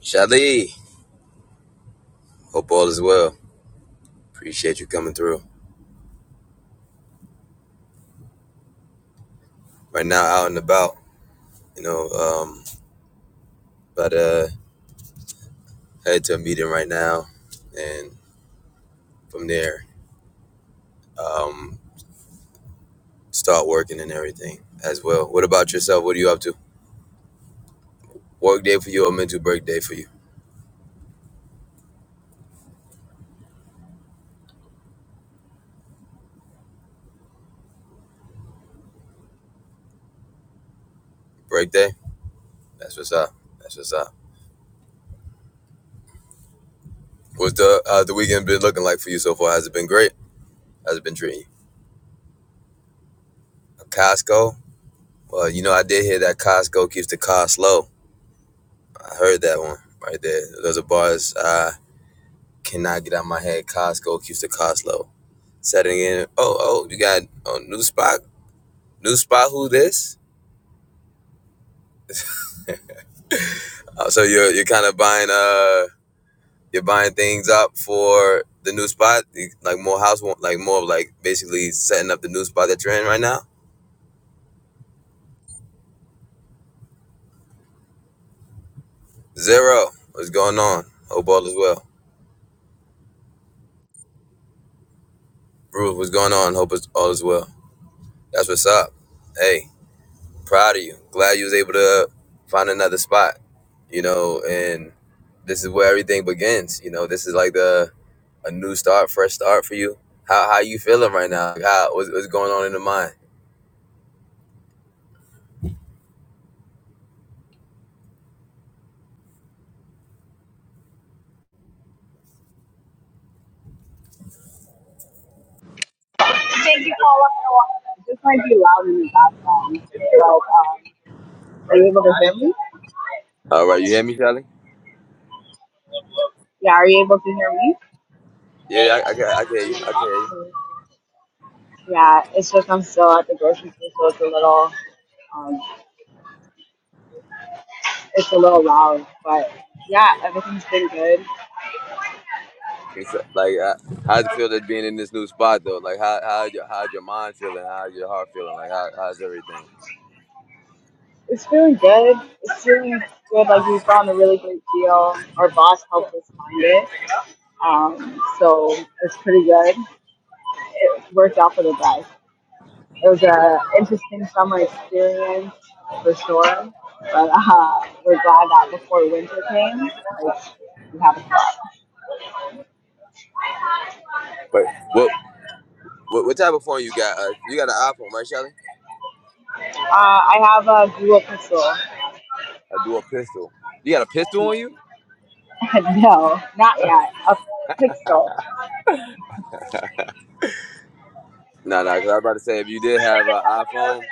Shadi, hope all is well. Appreciate you coming through. Right now, out and about, you know, um, but uh, head to a meeting right now, and from there, um, start working and everything as well. What about yourself? What are you up to? Work day for you or mental break day for you? Break day? That's what's up. That's what's up. What's the uh, the weekend been looking like for you so far? Has it been great? Has it been treating you? Costco? Well, you know, I did hear that Costco keeps the cost low. I heard that one right there. Those are bars. Uh, Cannot get out of my head. Costco keeps the cost low. Setting in. Oh, oh, you got oh, new spot. New spot. Who this? Uh, so you're you're kind of buying uh you're buying things up for the new spot, like more house, like more like basically setting up the new spot that you're in right now. Zero. What's going on? Hope all is well. Bruce, what's going on? Hope it's all is well. That's what's up. Hey, proud of you. Glad you was able to find another spot. You know, and this is where everything begins. You know, this is like the a new start, fresh start for you. How how you feeling right now? Like, How what's, what's going on in the mind? Thank you, Paula. This might be loud in the background. But, um, are you able to hear me? All right, you hear me, Shelly? Yeah, are you able to hear me? Yeah, I I can I can hear you. I can hear you. Yeah, it's just I'm still at the grocery store, so it's a little, um, it's a little loud. But yeah, everything's been good. It's, uh, Like, uh, how'd you feel that being in this new spot though? Like, how how's your how's your mind feeling? How's your heart feeling? Like, how how's everything? It's feeling good. It's feeling good. Like we found a really great deal. Our boss helped us find it, um, so it's pretty good. It worked out for the best. It was a interesting summer experience for sure, but uh, we're glad that before winter came, like, we have a spot. But what what, what type of phone you got? Uh, you got an iPhone, right, Shelly? Uh, I have a Google Pixel. I do a pistol. You got a pistol on you? no, not yet. A Pixel. Nah, nah. Cause I was about to say if you did have an iPhone,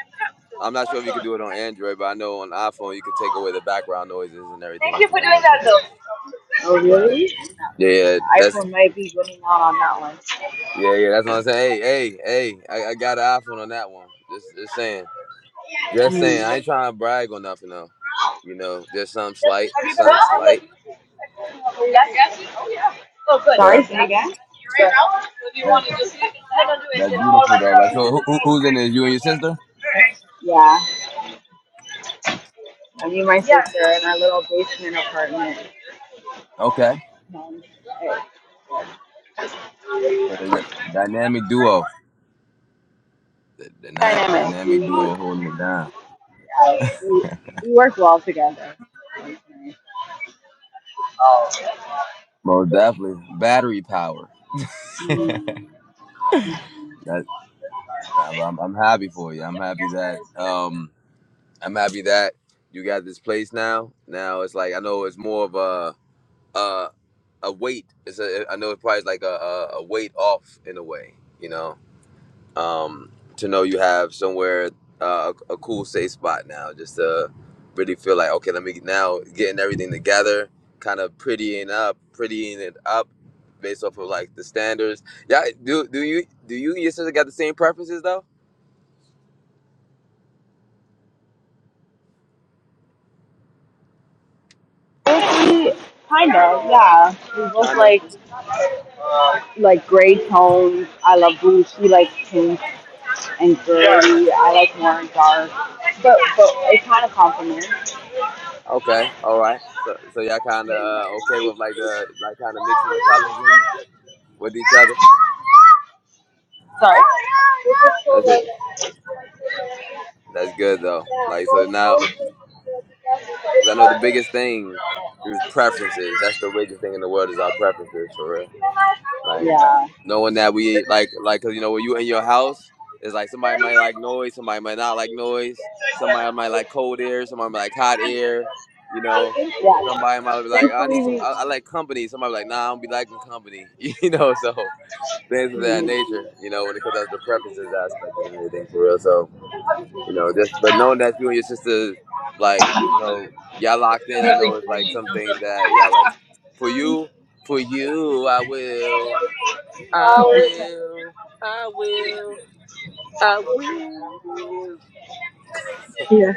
I'm not sure if you could do it on Android, but I know on iPhone you could take away the background noises and everything Thank you within for that doing nature. that though. Oh, Right. really? Yeah, No. that's iPhone might be winning out on that one. yeah, yeah. That's what I'm saying. Hey, hey, hey. I, I got an iPhone on that one. Just, just saying. Just saying. Mm. I ain't trying to brag or nothing though. You know, there's some slight, Have you some been watching slight, the Oh, yeah. Oh, good. Sorry? but Say again? Right now? Or do you that want to just? I don't do it. that's It's more beautiful like though. Like, so a. who, who- who's in this? You and your sister? Yeah, I mean my Yeah. sister yeah. in our little basement apartment. Okay. Um, eh, So the dynamic duo, the, the dy- Damn it, we, dynamic duo holding it down. yeah, we we work well together. Most definitely, battery power. That I'm, I'm I'm happy for you. I'm happy that um I'm happy that you got this place now. Now it's like I know it's more of a a, a weight. It's a I know it's probably like a, a, a weight off in a way, you know. Um, to know you have somewhere uh, a, a cool safe spot now, just to really feel like okay, let me now getting everything together, kind of prettying up, prettying it up, based off of like the standards. Yeah, do do you do you and your sister got the same preferences though? Mostly, kind of, yeah. We both Kinda. like like gray tones. I love blue. She likes pink. and girly. I like more dark, but but it kind of complements. Okay, all right. So, so y'all kind of uh, okay with like the like kind of mixing the colors in with each other. Sorry. That's it. That's good though. Like so now, because I know the biggest thing is preferences. That's the biggest thing in the world is our preferences for real. Like Yeah. knowing that we like like 'cause, you know when you in your house, it's like somebody might like noise, somebody might not like noise, somebody might like cold air, somebody might like hot air. You know, Yeah. somebody might be like, I need Thankfully, some. we. I, I like company. Somebody be like, Nah, I don't be liking company. You know, so. things of that nature, you know, when it comes down to the preferences aspect and everything for real. So, you know, just but knowing that you and your sister, like, you know, y'all locked in, I know it's like some things that y'all like for you, for you, I will, I will, I will. I Yeah.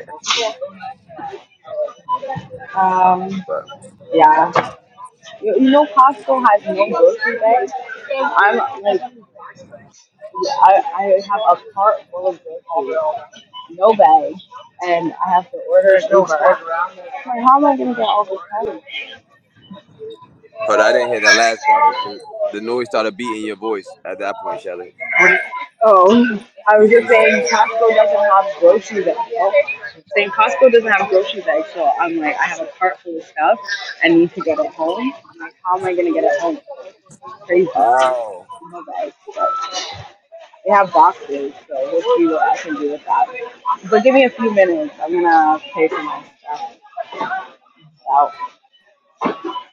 Um. But Yeah. You, you know, Costco has no grocery bags. I'm like I, I have a cart full of groceries, no bag, and I have to order an Uber. I'm like, how am I going to get all this money? hold on, I didn't hear that last part. The, the, the noise started beating your voice at that point, Shelly. Oh, I was You, just you, saying Costco doesn't have grocery bags. Oh, saying Costco doesn't have grocery bags, so I'm like, I have a cart full of stuff. I need to get it home. I'm like, how am I going to get it home? Crazy. oh. No bags. But they have boxes, so we'll see what I can do with that. But give me a few minutes. I'm going to pay for my stuff. Wow.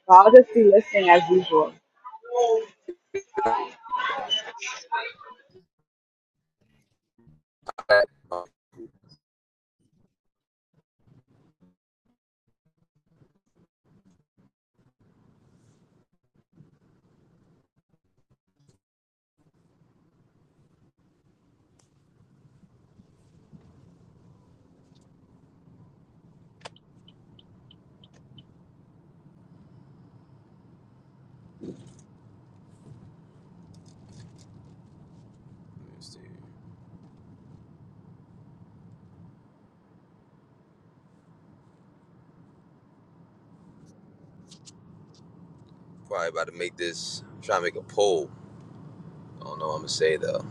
I'll just be listening as usual. Alright. Let me see. Probably about to make this, try to make a poll. I don't know what I'm going to say, though.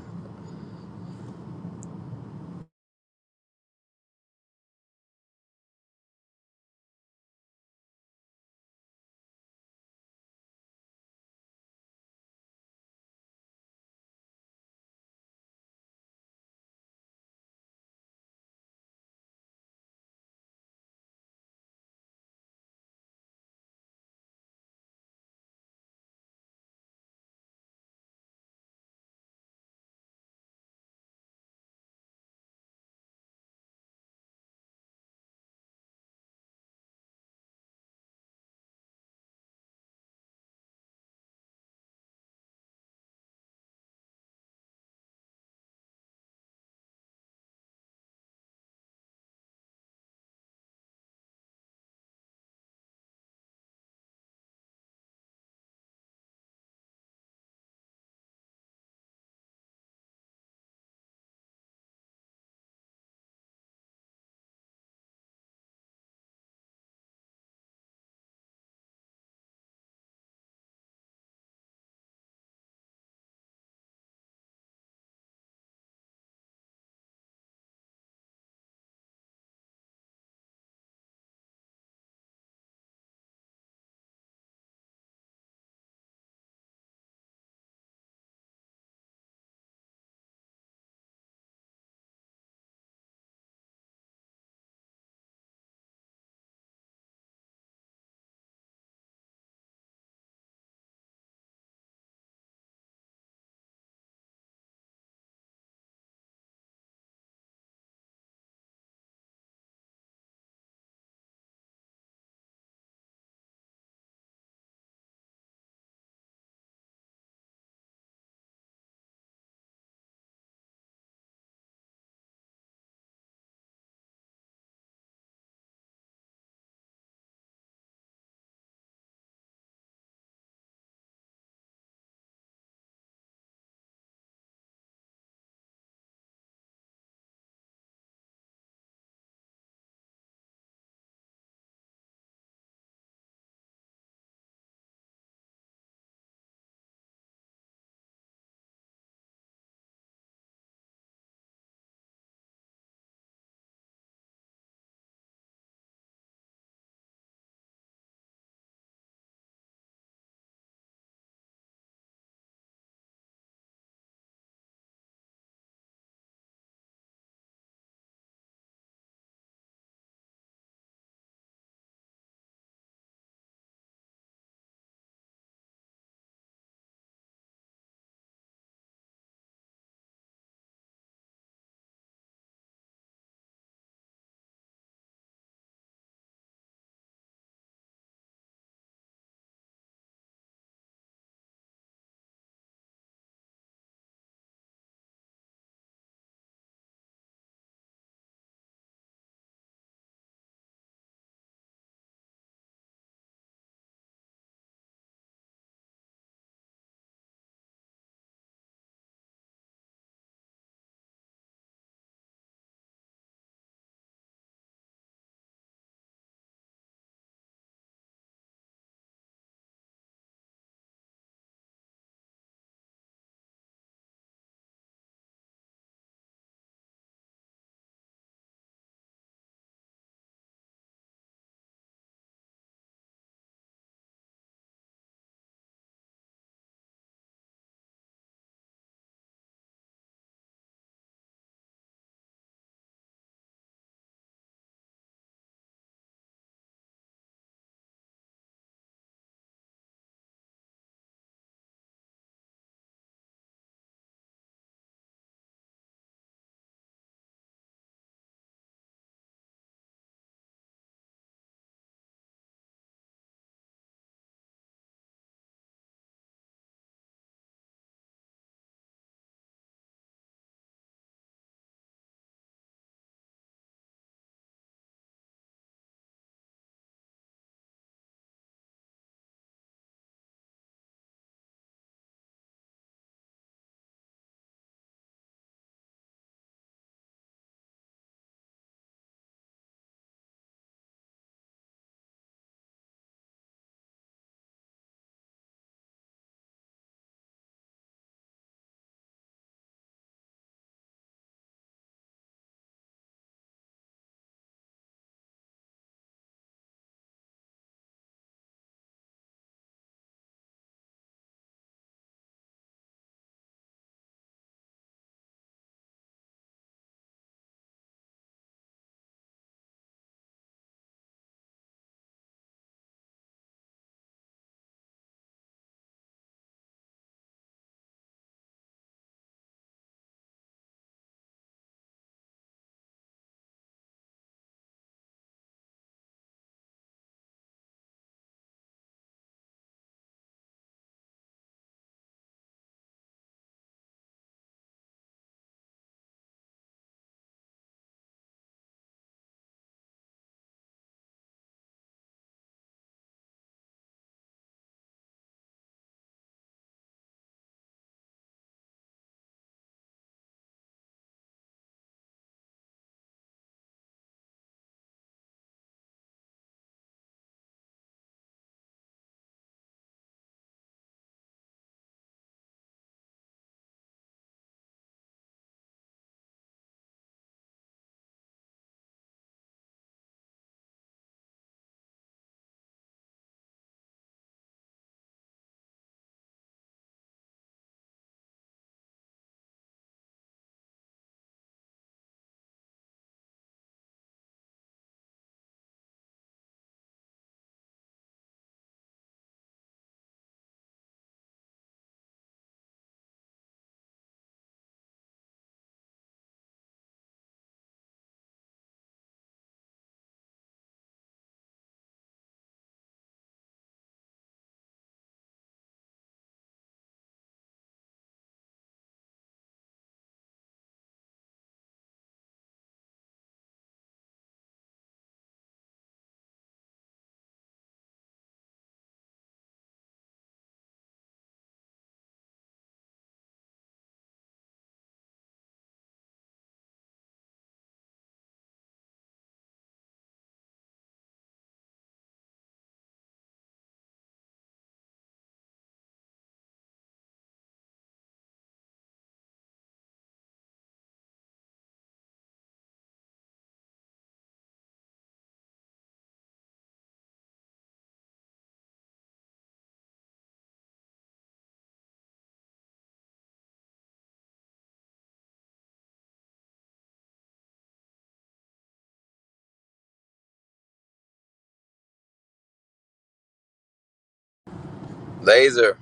Laser.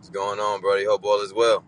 What's going on, Brody? Hope all is well.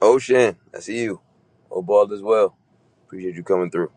Ocean, I see you. Hope all is well. Appreciate you coming through.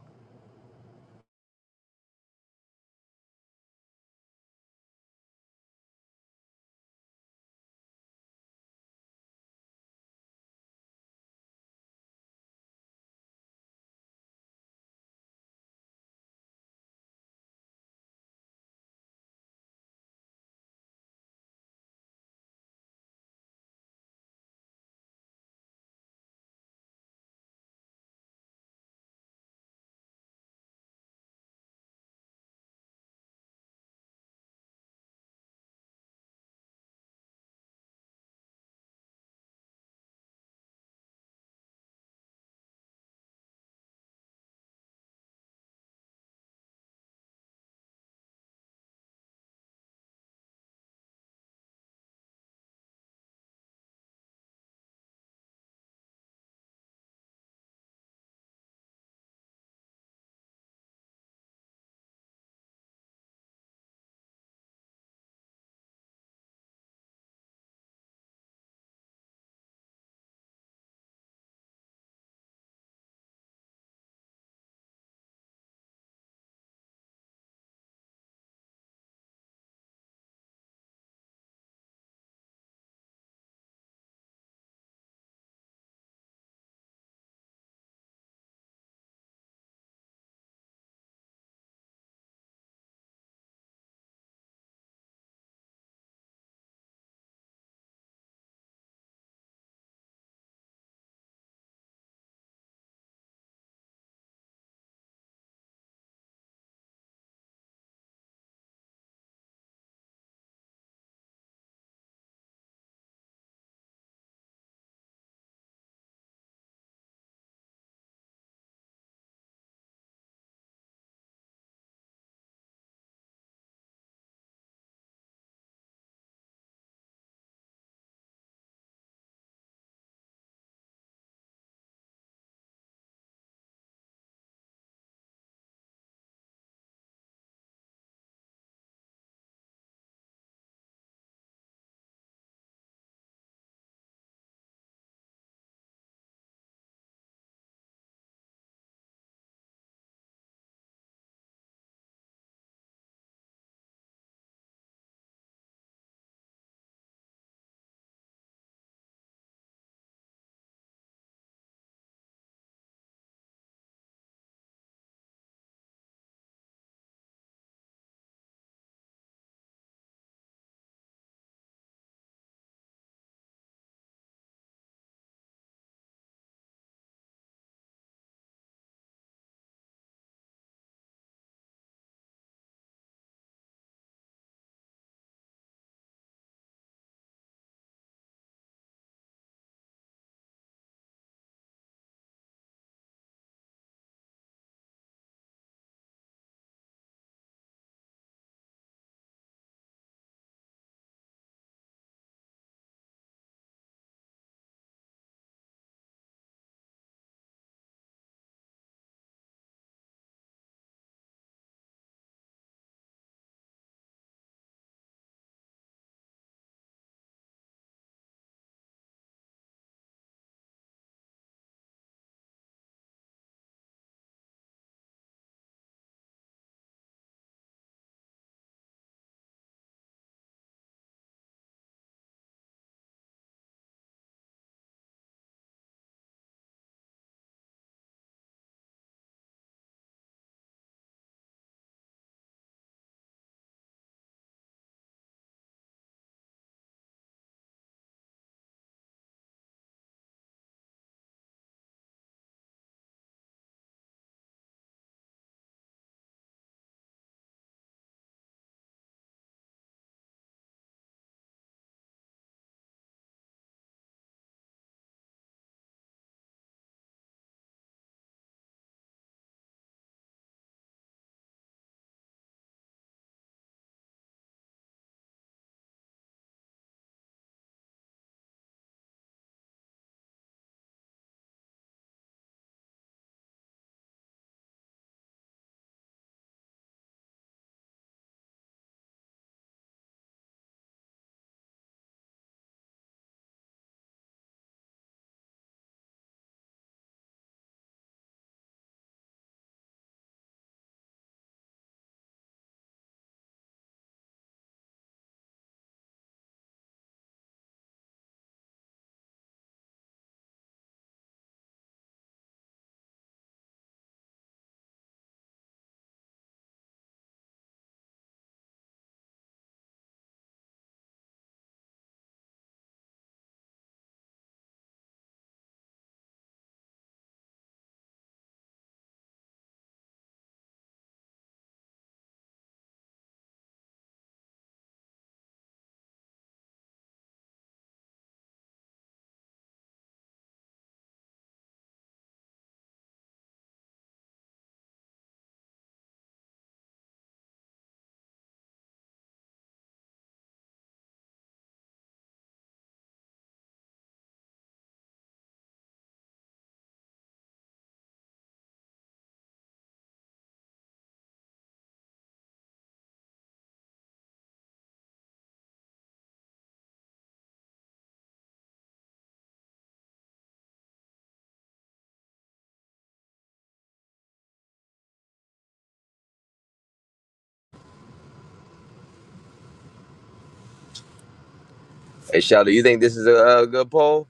Hey, Shadow, you think this is a, a good poll?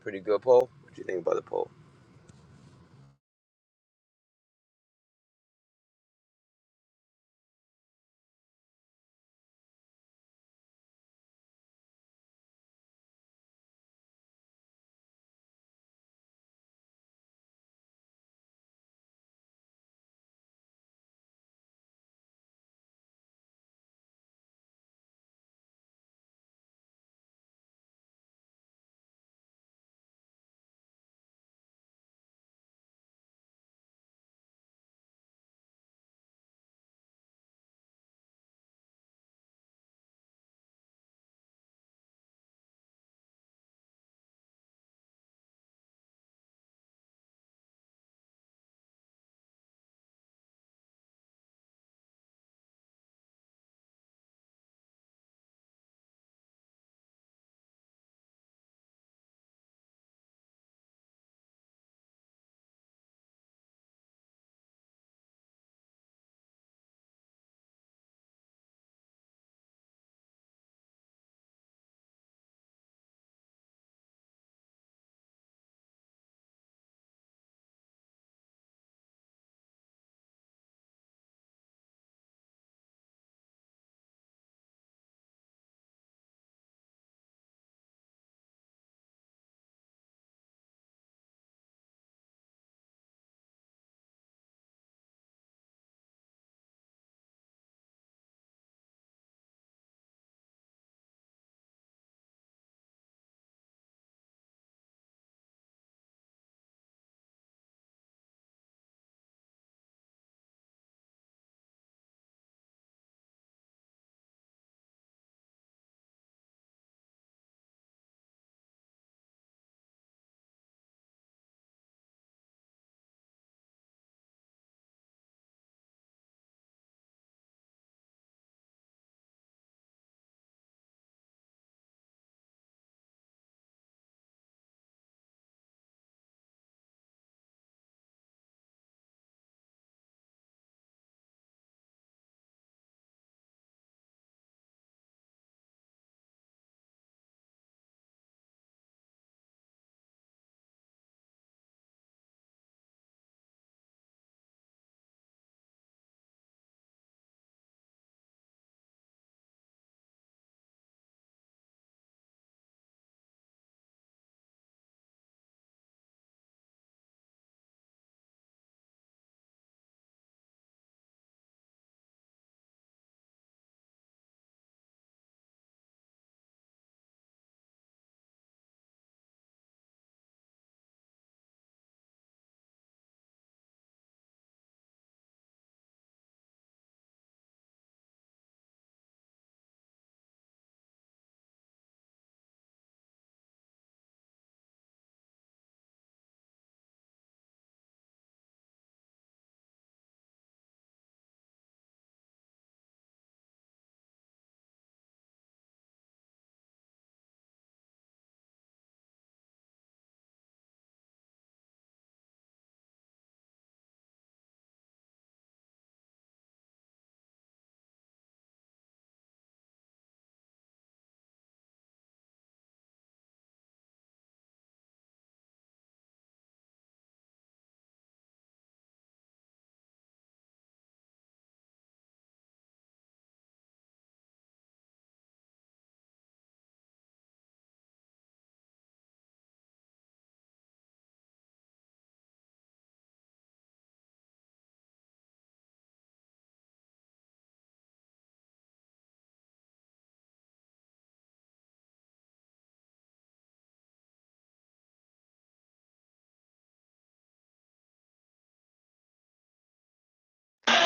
Pretty good poll. What you think about the poll?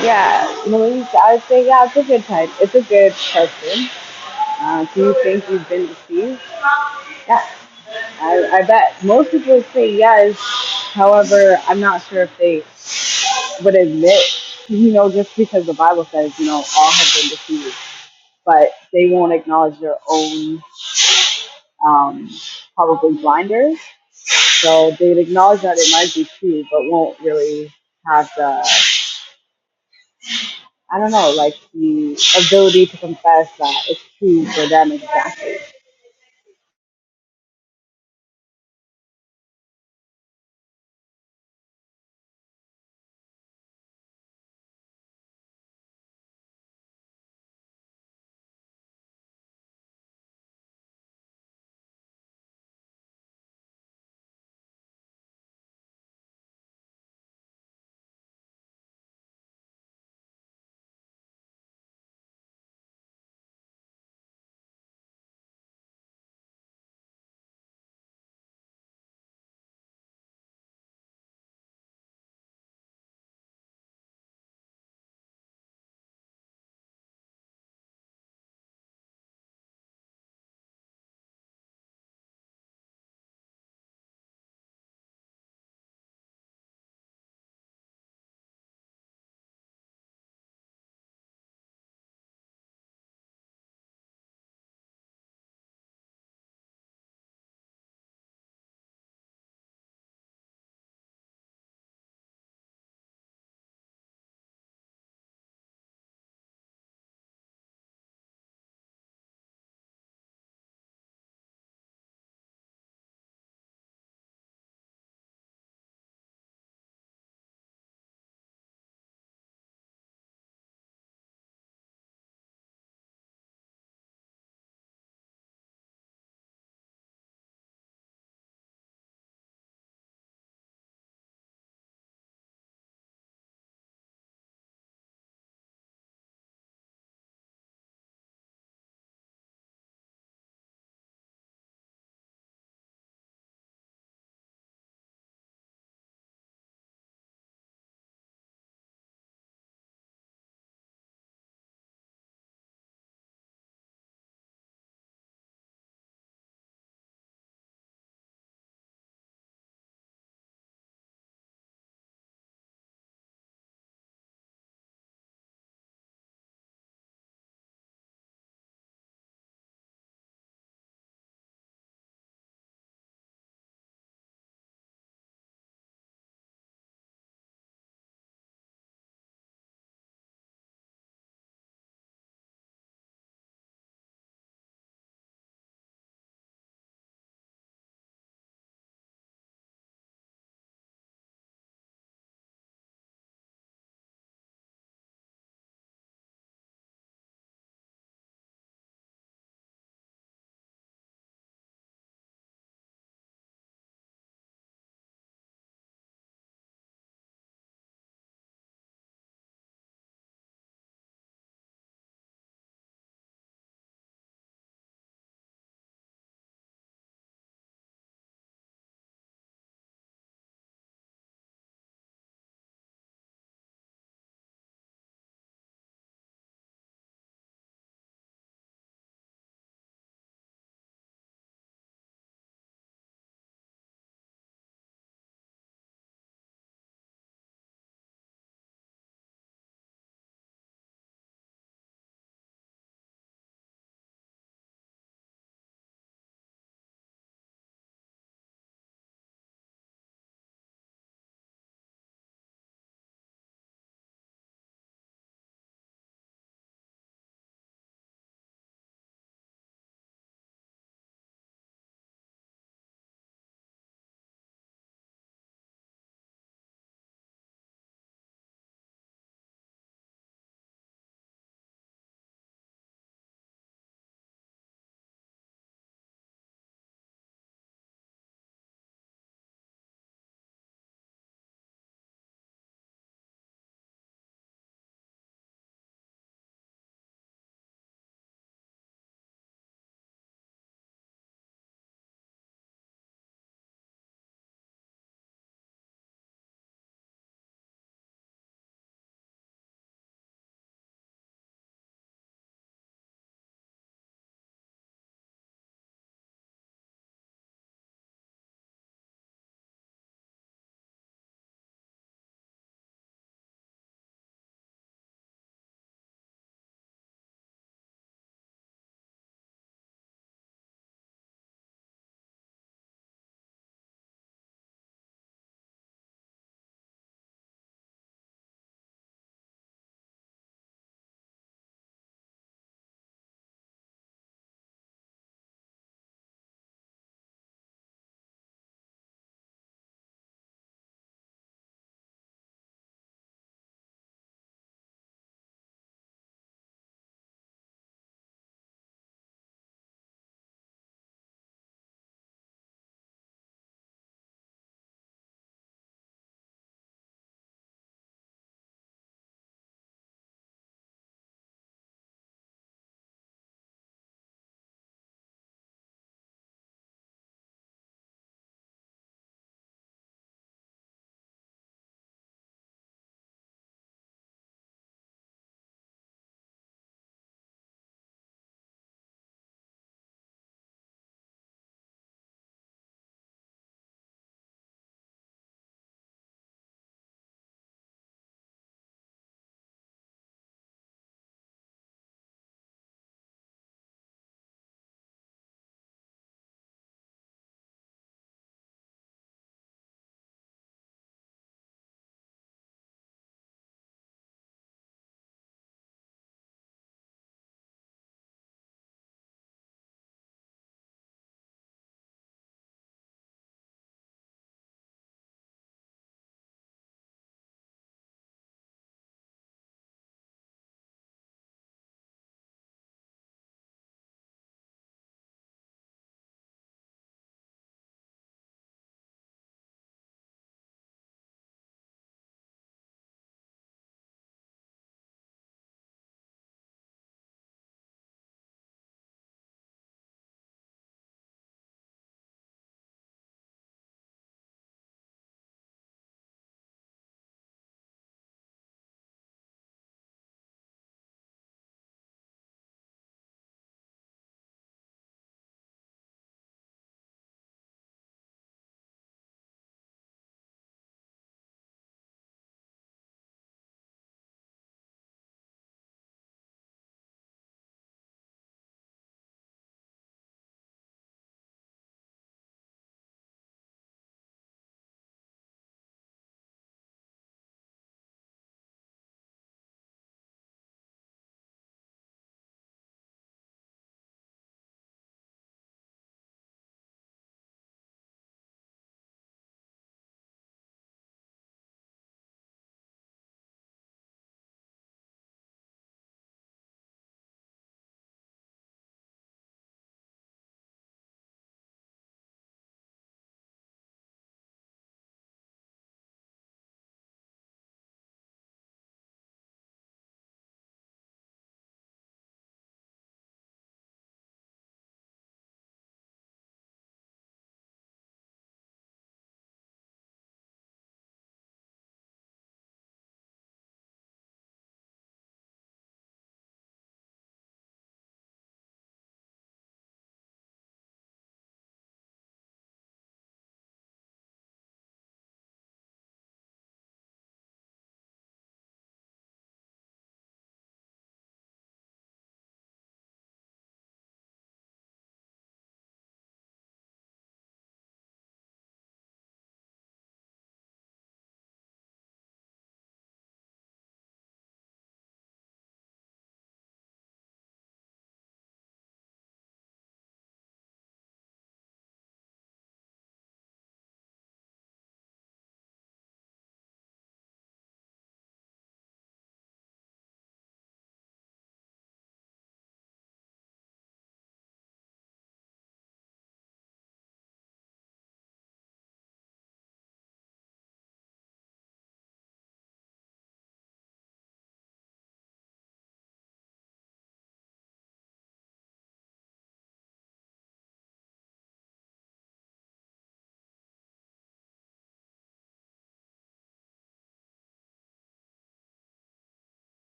Yeah, Maurice, I would say, yeah, it's a good type. It's a good person. Uh, do you think you've been deceived? Yeah, I, I bet most people say yes. However, I'm not sure if they would admit, you know, just because the Bible says, you know, all have been deceived, but they won't acknowledge their own um, probably blinders. So they'd acknowledge that it might be true, but won't really have the I don't know, like the ability to confess that it's true for them exactly.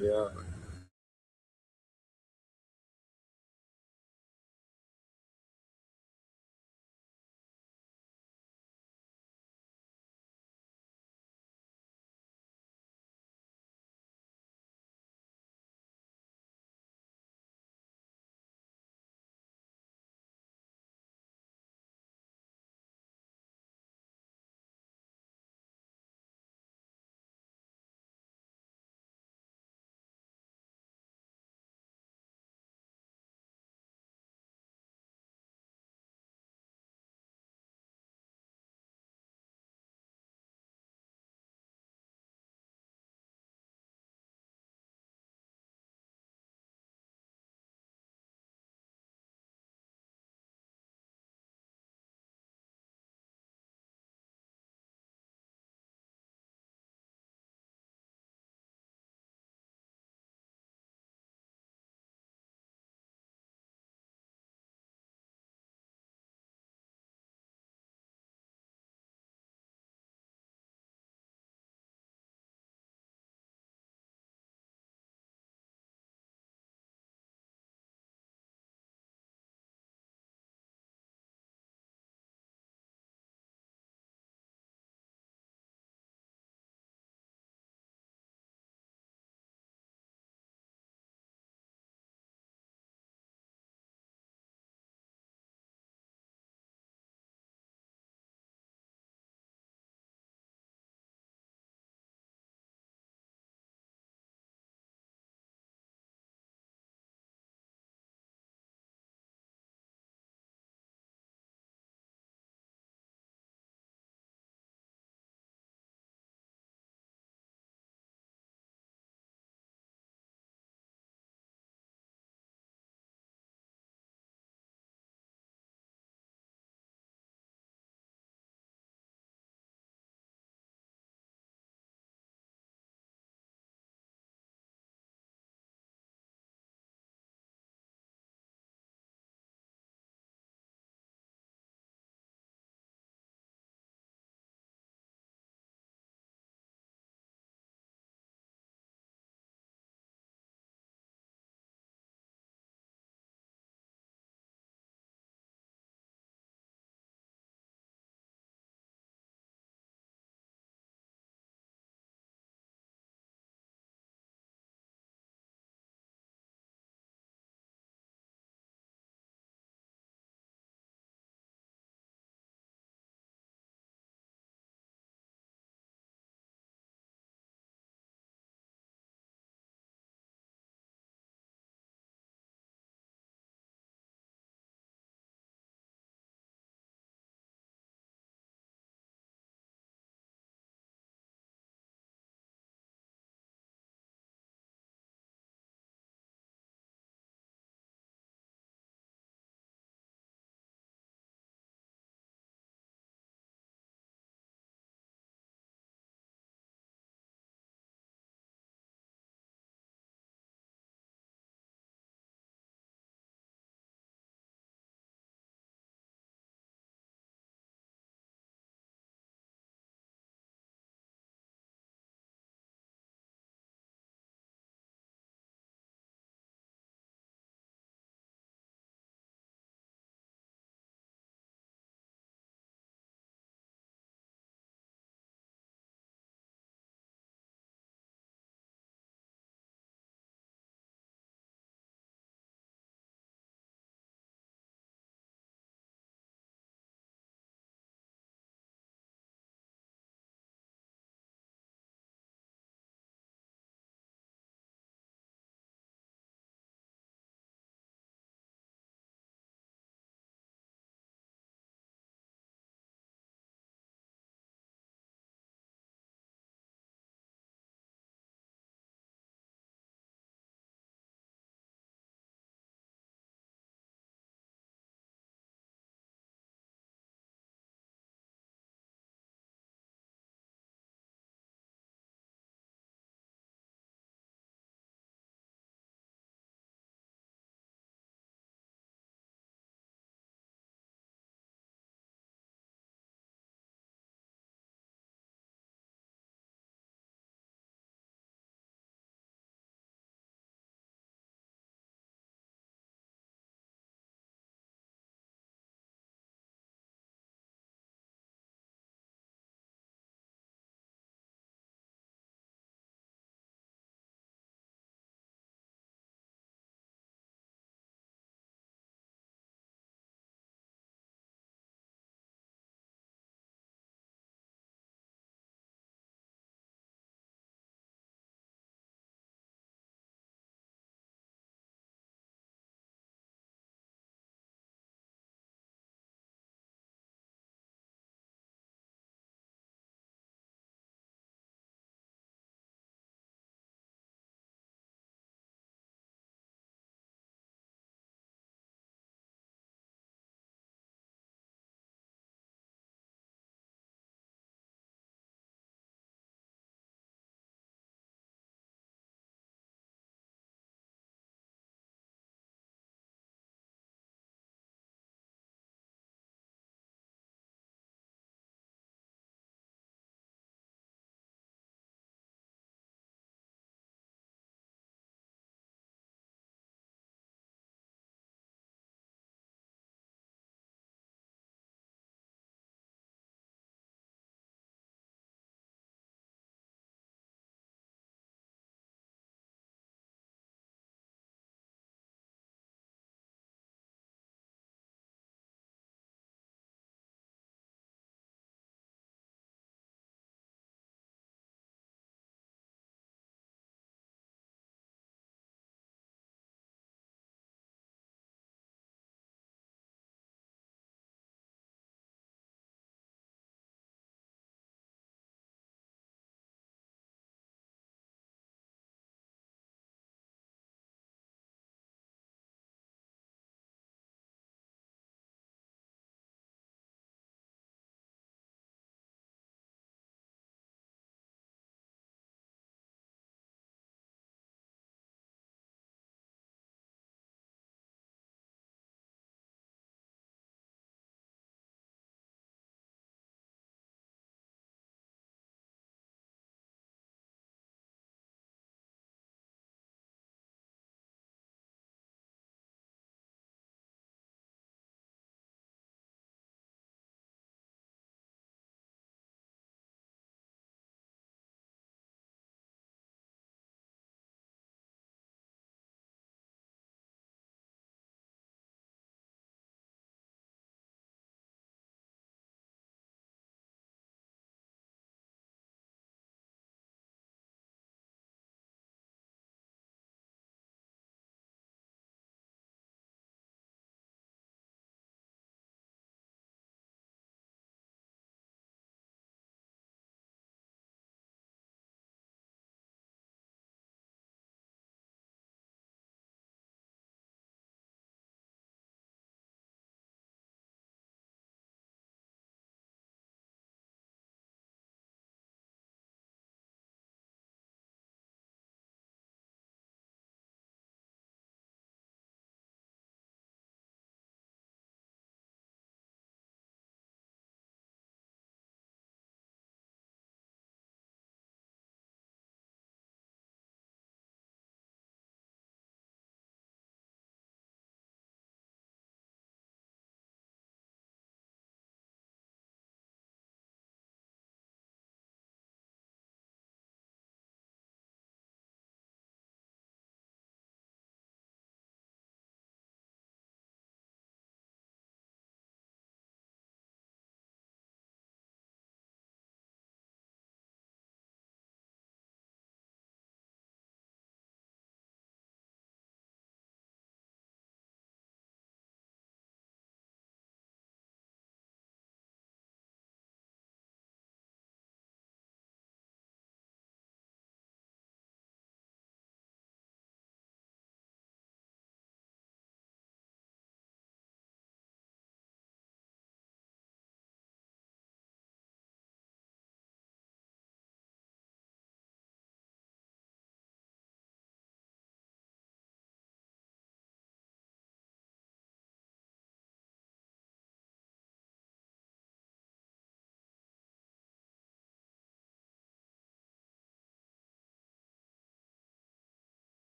Yeah.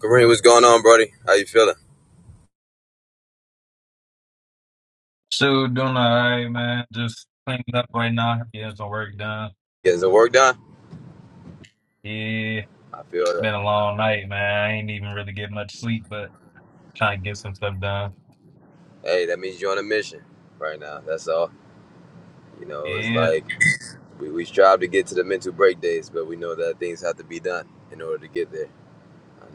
Kareem, what's going on, Brody? How you feeling? So doing all right, man. Just cleaning up right now. Getting some work done. Getting some work done? Yeah, I feel that. been a long night, man. I ain't even really get much sleep, but trying to get some stuff done. Hey, that means you're on a mission right now. That's all. You know, it's Yeah, like we, we strive to get to the mental break days, but we know that things have to be done in order to get there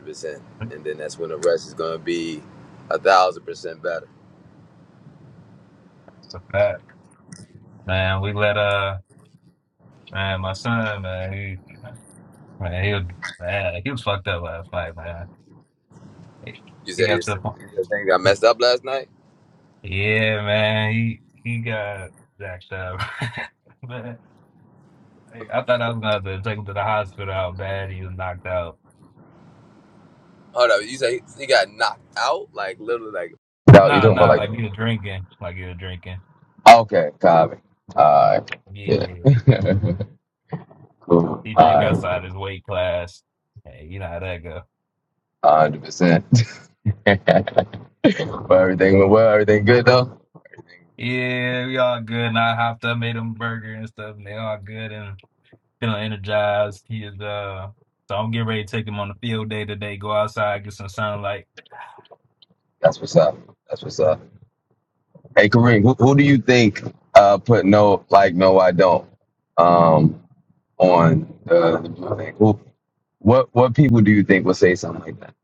100%. And then that's when the rest is going to be a thousand percent better. it's a fact, man. We let uh, man, my son, man, he, man, he was, man, he was fucked up last night, man. He, You he said got your, to the point. your thing got messed up last night. Yeah, man, he he got jacked up, man. Like, I thought I was gonna have to take him to the hospital. How bad he was knocked out. Hold up, you say he he got knocked out, like literally, like. No, you Nah, talking about nah, like? like you were drinking, like you were drinking. Okay, copy. All right, yeah, Yeah, cool. he drank All right, one outside his weight class. Hey, you know how that go. hundred percent. Well, everything went well. Everything good though. Yeah, we all good. And I hopped up, made him a burger and stuff, and they all good and feeling energized. He is uh, so I'm getting ready to take him on the field day today. Go outside, get some sunlight. That's what's up. That's what's up. Hey Kareem, who, who do you think uh put no like no I don't um on the, the blue thing? Who, what what people do you think will say something like that?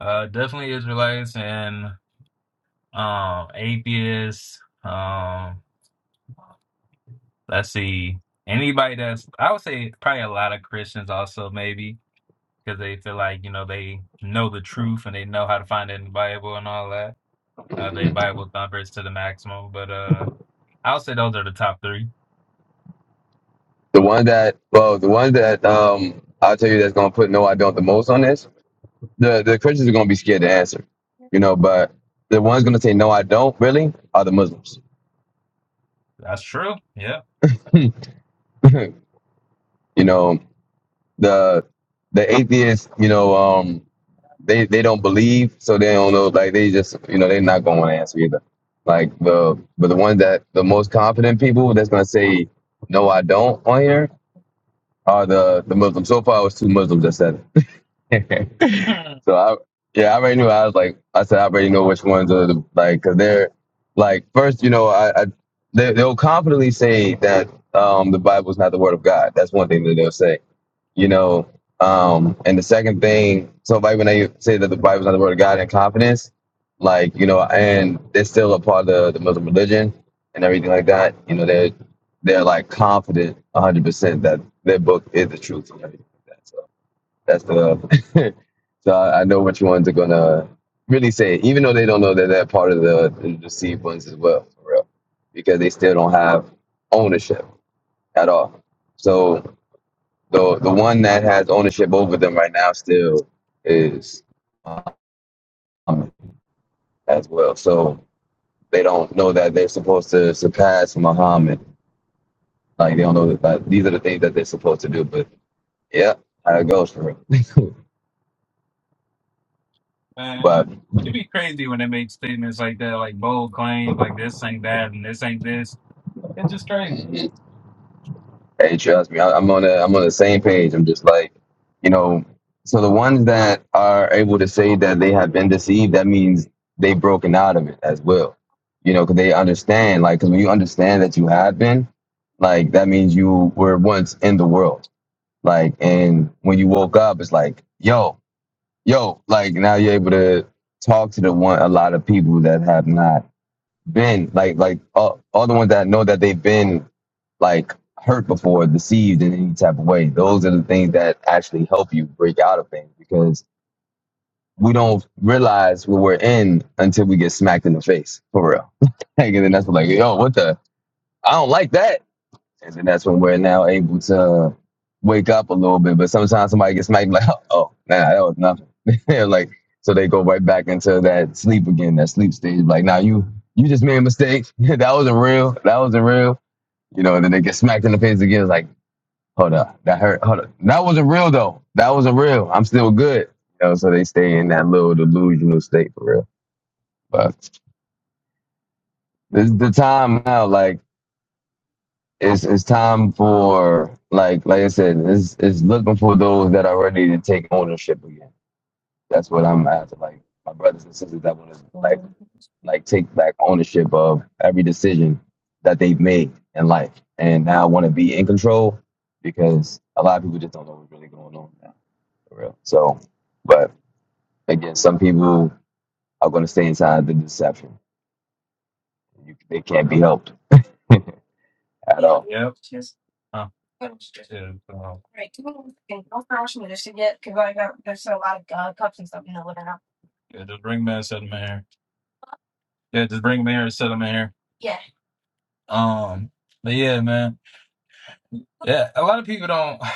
Uh, definitely Israelites and um atheists. Um, let's see, anybody that's I would say probably a lot of Christians also maybe. because they feel like you know they know the truth and they know how to find it in the Bible and all that. Uh, they Bible thumpers to the maximum, but uh, I'll say those are the top three. The one that, well, the one that um, I'll tell you that's gonna put no, I don't the most on this. The the Christians are gonna be scared to answer, you know. But the ones gonna say no, I don't really are the Muslims. That's true. Yeah, You know, the the atheists, you know, um, they they don't believe, so they don't know. Like they just, you know, they're not gonna want to answer either. Like the but the ones that the most confident people that's gonna say no, I don't on here are the the Muslims. So far, it was two Muslims that said it. so I, yeah, I already knew. I was like, I said, I already know which ones are the like, cause they're like, first, you know, I, I they, they'll confidently say that um, the Bible is not the word of God. That's one thing that they'll say, you know. Um, and the second thing, so like when they say that the Bible is not the word of God in confidence, like you know, and they're still a part of the, Muslim religion and everything like that. You know, they're they're like confident, one hundred percent that their book is the truth and everything like that. So that's the. so I, I know which ones are gonna really say, it, even though they don't know that they're part of the, the deceived ones as well, for real, because they still don't have ownership at all. So the the one that has ownership over them right now still is Muhammad as well. So they don't know that they're supposed to surpass Muhammad. Like they don't know that like, these are the things that they're supposed to do. But yeah, how it goes for real. but man, it'd be crazy when they make statements like that, like bold claims, like this ain't that and this ain't this. It's just crazy. mm-hmm. Hey, trust me, I, I'm on the I'm on the same page. I'm just like, you know, so the ones that are able to say that they have been deceived, that means they've broken out of it as well. You know, because they understand, like, because when you understand that you have been, like, that means you were once in the world, like, and when you woke up, it's like, yo, yo, like, now you're able to talk to the one a lot of people that have not been like like all, all the ones that I know that they've been like hurt before, deceived in any type of way. Those are the things that actually help you break out of things because we don't realize what we're in until we get smacked in the face for real. Like, and then that's like, yo, what the? I don't like that. And then that's when we're now able to wake up a little bit. But sometimes somebody gets smacked like, oh, nah, that was nothing. like, so they go right back into that sleep again, that sleep stage. Like, now nah, you you just made a mistake. that wasn't real. That wasn't real. You know, and then they get smacked in the face again. It's like, hold up, that hurt. Hold up, that wasn't real though. That wasn't real. I'm still good. You know, so they stay in that little delusional state for real. But this is the time now. Like it's it's time for like like I said, it's it's looking for those that are ready to take ownership again. That's what I'm after. Like my brothers and sisters that want to Yep. like Huh. like take back ownership of every decision that they've made in life, and now want to be in control because a lot of people just don't know what's really going on now, for real. So, but again, some people are going to stay inside the deception. You, they can't be helped at Yeah, so- all. Yeah, just bring Mass up, man. Yeah, just bring them here and set them in here. Yeah. Um, but yeah, man. Yeah, a lot of people don't.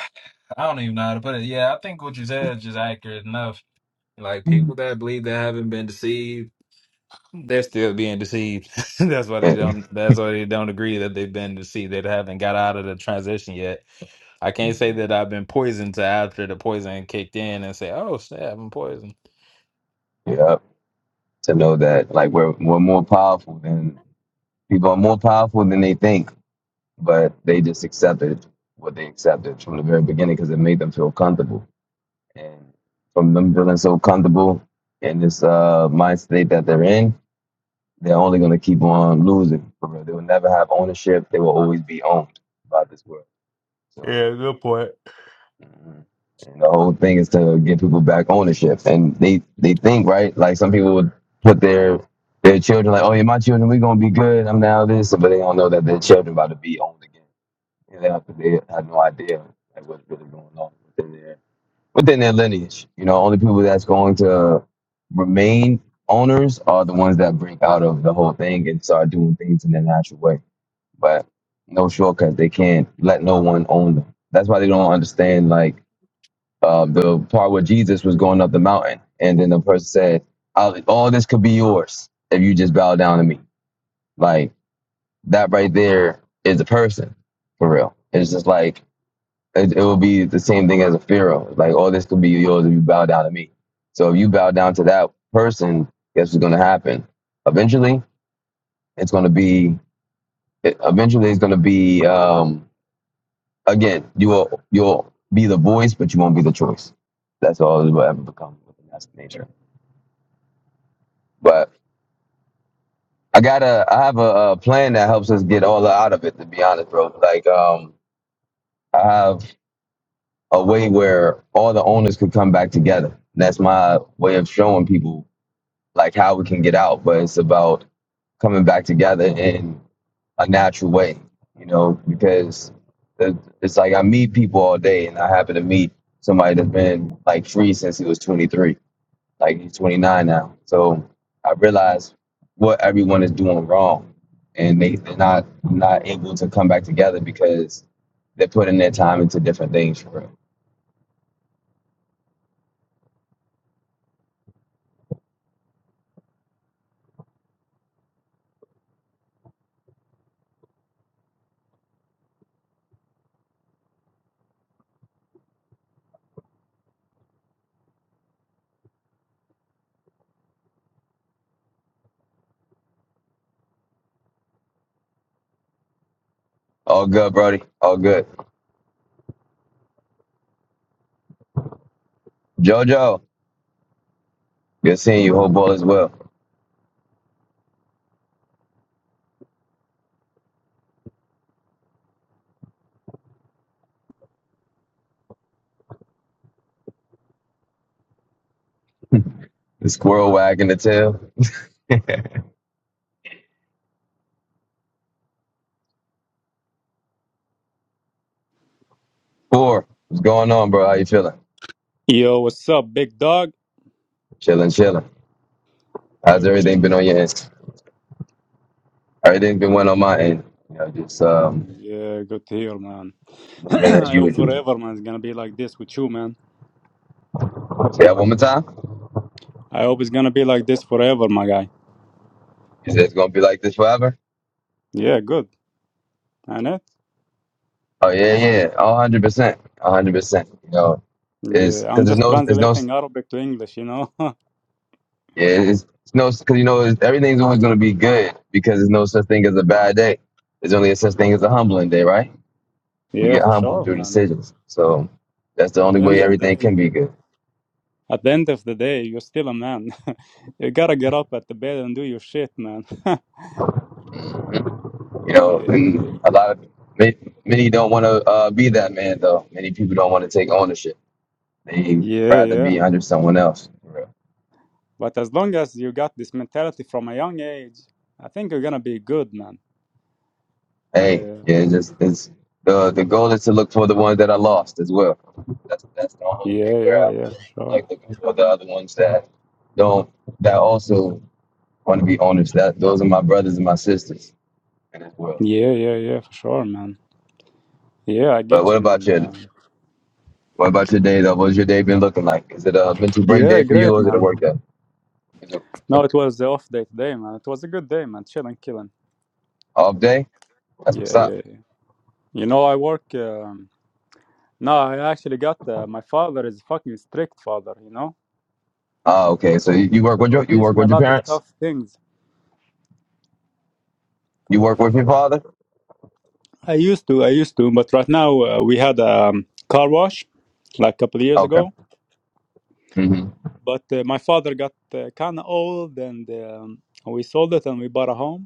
I don't even know how to put it. Yeah, I think what you said is just accurate enough. Like Mhm. people that believe they haven't been deceived, they're still being deceived. that's why they don't. That's why they don't agree that they've been deceived. They haven't got out of the transition yet. I can't say that I've been poisoned to after the poison kicked in and say, "Oh snap, I'm poisoned." yeah. to know that like we're we're more powerful than people are more powerful than they think, but they just accepted what they accepted from the very beginning because it made them feel comfortable. And from them feeling so comfortable in this uh, mind state that they're in, they're only going to keep on losing. For real. They will never have ownership. They will always be owned by this world. So. Yeah, good point. Mhm. And the whole thing is to get people back ownership. And they they think right, like some people would put their their children like, oh yeah, my children, we gonna be good. I'm now this, but they don't know that their children about to be owned again. And they have, they have no idea like what's really going on within their within their lineage. You know, only people that's going to remain owners are the ones that break out of the whole thing and start doing things in their natural way. But no shortcuts. They can't let no one own them. That's why they don't understand like uh, the part where Jesus was going up the mountain, and then the person said, I'll, "All this could be yours if you just bow down to me." Like that right there is a person for real. It's just like it, it will be the same thing as a pharaoh. Like all this could be yours if you bow down to me. So if you bow down to that person, guess what's going to happen? Eventually, it's going to be. It, eventually, it's going to be. Um, again, you will you'll be the voice, but you won't be the choice. That's all it will ever become. That's nature. But I got to I have a, uh plan that helps us get all out of it. To be honest, bro, like um, I have a way where all the owners could come back together. And that's my way of showing people like how we can get out. But it's about coming back together in a natural way, you know, because it- it's like I meet people all day, and I happen to meet somebody that's been like free since he was 23 Like he's 29 now. So I realize what everyone is doing wrong, and they they're not not able to come back together because they're putting their time into different things for real. All good, Brody. All good. JoJo, good seeing you. Whole ball as well. The squirrel wagging the tail. Four, what's going on, bro? How you feeling? Yo, what's up, big dog? Chilling, chilling. How How's you everything been, been on man? your end? Everything's been went on my end. You know, just um, Yeah, good to hear, man. moving as I hope usual. forever, man, it's gonna be like this with you, man. Say that one more time. I hope it's gonna be like this forever, my guy. Is it gonna be like this forever? Yeah, good. And it? Oh yeah, yeah, a hundred percent, a hundred percent. You know, is Yeah, because I'm there's just no, there's no, translating Arabic to English, you know? yeah, it's, it's no, because you know it's, everything's always gonna be good because there's no such thing as a bad day. There's only a such thing as yeah. a humbling day, right? We yeah, get for humbled sure, through man. decisions, so that's the At only the end way of the everything day, can be good. at the end of the day, you're still a man. you gotta get up at the bed and do your shit, man. You know, yeah, yeah, and a lot of ma- many don't want to uh, be that man though. Many people don't want to take ownership. They yeah. rather yeah. be under someone else. But as long as you got this mentality from a young age, I think you're gonna be good, man. Hey, Yeah, yeah, it's just it's the the goal is to look for the ones that I lost as well. That's that's the only thing yeah, where yeah, yeah, I'm for sure. like looking for the other ones that don't that also want to be honest. That those are my brothers and my sisters in this world. Yeah, yeah, yeah, for sure, man. Yeah, I But get what you, about man. your Uh, what about your day though? What's your day been looking like? Is it a mental break yeah, day for you great, or is it a man. work day? Is it No, an it was the off day today, man. It was a good day, man. Chilling, killing. off day? That's what's Yeah, up. yeah, yeah. You know, I work. Um, no, I actually got. Uh, my father is fucking strict father, you know. Oh, okay. So you, you work So with your he you teach work me a with your lot of parents? tough things. You work with your father? I used to, I used to, but right now uh, we had a um, car wash, like a couple of years Okay. ago. Mm-hmm. But uh, my father got uh, kind of old, and um, we sold it, and we bought a home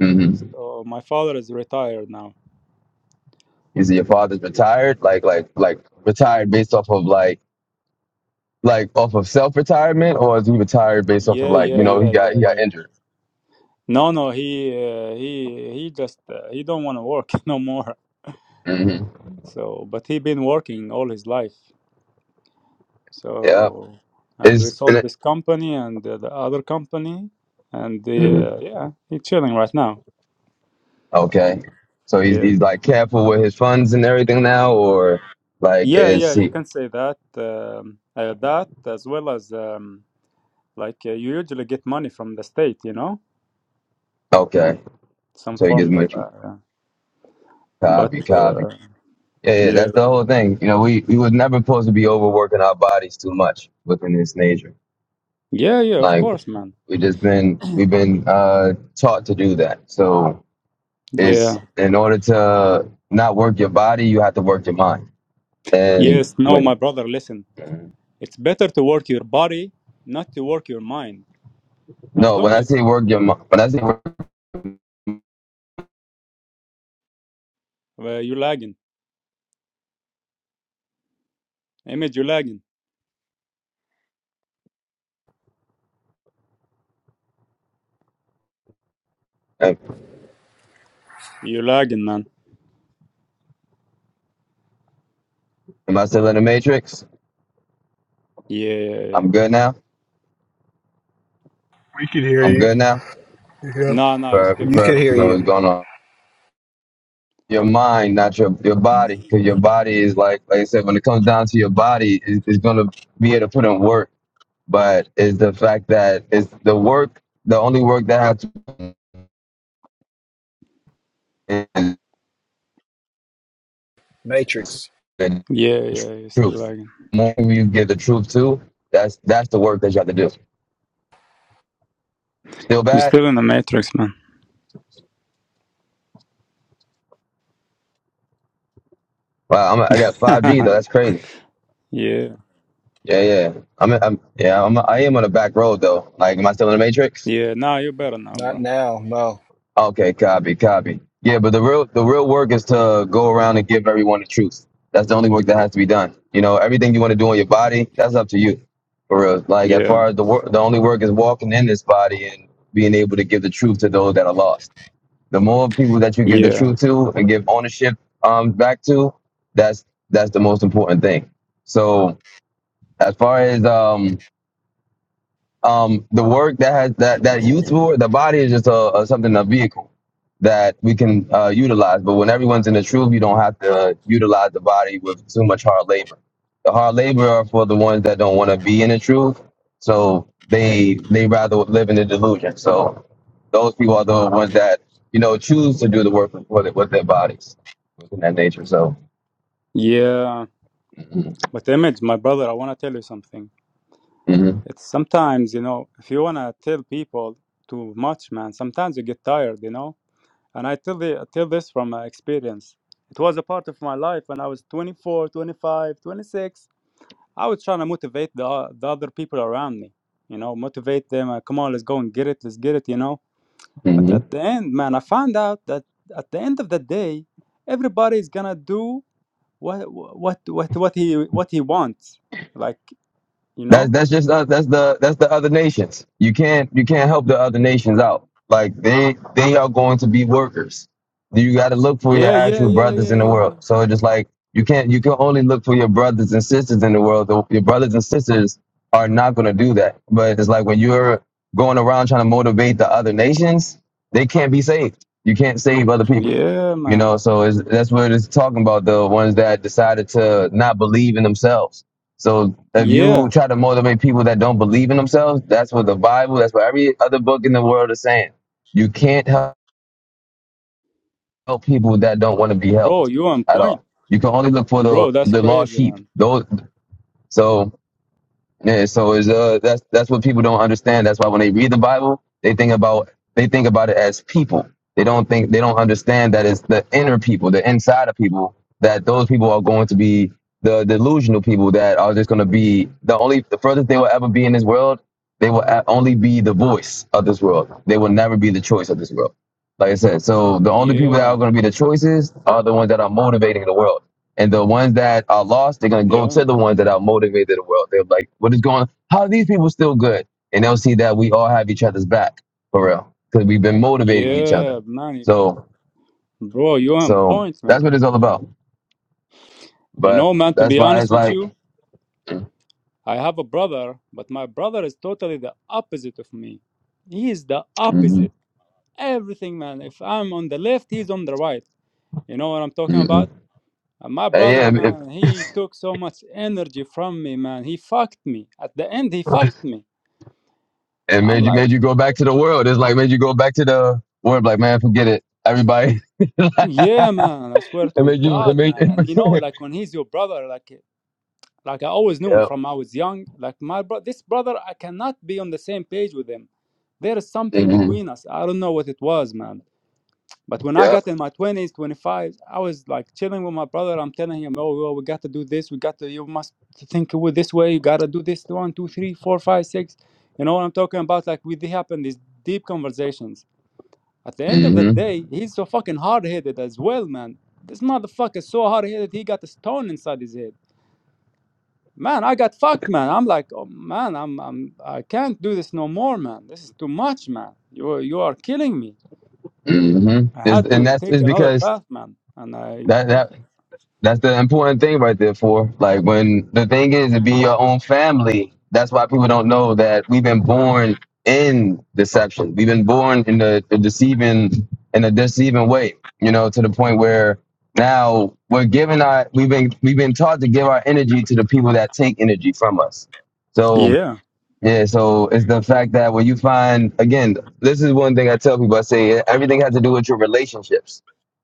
Mm-hmm. So my father is retired now. Is it your father's retired? Like like like retired based off of like like off of self retirement, or is he retired based off of Yeah, like yeah, you know he yeah, got yeah, he got yeah. injured? No, no, he uh, he he just uh, he don't want to work no more. Mm-hmm. So, but he been working all his life. Yep. So, and we Is sold this company and uh, the other company, and Mhm. uh, yeah, he's chilling right now. okay. So he's Yeah, he's like careful with his funds and everything now, or like yeah, yeah. is You he can say that um, uh, that as well as um, like uh, you usually get money from the state, you know, okay? some So he form gets of. much Uh, but copy copy. uh, Yeah, yeah, yeah. that's the whole thing. You know, we we was never supposed to be overworking our bodies too much within this nature. Yeah, yeah, of Like course, man. we just been we've been uh taught to do that. So is Yeah. in order to not work your body, you have to work your mind. And Yes, no, my when brother, listen. It's better to work your body, not to work your mind. As no, when long I as say you, work your mi- when I say work, uh, you're lagging. Image, you're lagging. like, You're lagging, man. am I still in the matrix? Yeah, yeah, yeah. I'm good now. We can hear I'm you. good now. Yeah. No, no, you're still Perfect, You could lagging. perfect. You hear know you. what's going on? Your mind, not your your body, because your body is like like I said. When it comes down to your body, it, it's gonna be able to put in work. But it's the fact that it's the work, the only work that has to the Matrix. Yeah, yeah, you're still truth. lagging. The more you give the truth to, that's that's the work that you have to do. Still You're bad? still in the matrix, man. Wow, I'm, I got 5G though. That's crazy. yeah. Yeah, yeah. I'm, I'm yeah, I'm, I am on the back road though. Like, am I still in the matrix? Yeah, now you're better now, Not bro. now, no. Okay, copy, copy. Yeah, but the real the real work is to go around and give everyone the truth. That's the only work that has to be done. You know, everything you want to do on your body, that's up to you. For real. Like, as Yeah. far as the work, the only work is walking in this body and being able to give the truth to those that are lost The more people that you give the Yeah. truth to and give ownership um, back to, that's that's the most important thing. So as far as um, um, the work that has that that youth for the body is just a, a something a vehicle that we can uh, utilize. But when everyone's in the truth, you don't have to utilize the body with too much hard labor. The hard labor are for the ones that don't want to be in the truth, so they they rather live in the delusion. So those people are the ones that you know choose to do the work with with their bodies, within that nature. So. Yeah. But Image, my brother, I want to tell you something. hmm It's sometimes, you know, if you wanna tell people too much, man, sometimes you get tired, you know. And I tell the I tell this from my experience. It was a part of my life when I was 24, 25, 26. I was trying to motivate the the other people around me, you know, motivate them. uh, Come on, let's go and get it, let's get it, you know. But at the end, man, I found out that at the end of the day, everybody's gonna do what what what what he what he wants, like you That's know. that's just us. That's the that's the other nations. You can't you can't help the other nations out. Like they they are going to be workers. You got to look for your Yeah, yeah, actual yeah, brothers yeah, in the yeah. world. yeah. So it's just like you can't you can only look for your brothers and sisters in the world. The- Your brothers and sisters are not going to do that. But it's like when you're going around trying to motivate the other nations, they can't be saved. You can't save other people. Yeah, You man. know, so it's, that's what it's talking about. The ones that decided to not believe in themselves. So if you Yeah. try to motivate people that don't believe in themselves, that's what the Bible, that's what every other book in the world is saying. You can't help people that don't want to be Bro, helped you on at point. all. You can only look for Bro, the that's the lost crazy, sheep. man. Those so yeah, so it's uh that's that's what people don't understand. That's why when they read the Bible, they think about they think about it as people. They don't think they don't understand that it's the inner people, the inside of people, that those people are going to be the delusional people that are just going to be the only the furthest they will ever be in this world. They will a- only be the voice of this world. They will never be the choice of this world. Like I said, so the only people that are Yeah. going to be the choices are the ones that are motivating the world. And the ones that are lost, they're gonna go to Yeah. the ones that are motivated in the world. They're like, what is going on? How are these people still good? And they'll see that we all have each other's back for real. Because we've been motivating each other. Yeah, man. So Bro, you on so point, that's man. what it's all about. You But know, man, to that's be why it's honest with like you, I have a brother, but my brother is totally the opposite of me. He is the mm opposite. Everything, man. If I'm on the left, he's on the right. You know what I'm talking mm about? And my brother, yeah, it, man, he took so much energy from me, man. He fucked me. At the end, he fucked me. it I'm made you like, made you go back to the world. It's like made you go back to the world like, man, forget it. Everybody it Yeah, man, I swear to made you it God, made it man. And you know, made like when he's your brother, like like I always knew yep. from I was young, like my bro this brother, I cannot be on the same page with him. There is something hmm between us. I don't know what it was, man. But when I Yep. got in my 20s, twenty-five, I was like chilling with my brother. I'm telling him, oh, well, we got to do this. We got to, you must think with this way. You got to do this one, two, three, four, five, six. You know what I'm talking about? Like we they happen these deep conversations at the end of the mm-hmm. day, he's so fucking hard headed as well, man. This motherfucker is so hard headed. He got a stone inside his head. Man, I got fucked, man. I'm like, oh, man, I'm, I'm, I can't do this no more, man. This is too much, man. You, you are killing me. Mm-hmm. I Is had and to that's take is another because path, man. And I that that that's the important thing right there. For like when the thing is to be your own family. That's why people don't know that we've been born in deception. We've been born in the, the deceiving in a deceiving way. You know, to the point where now we're giving our we've been we've been taught to give our energy to the people that take energy from us. So yeah, yeah, so it's the fact that when you find again, this is one thing I tell people. I say eh, everything has to do with your relationships,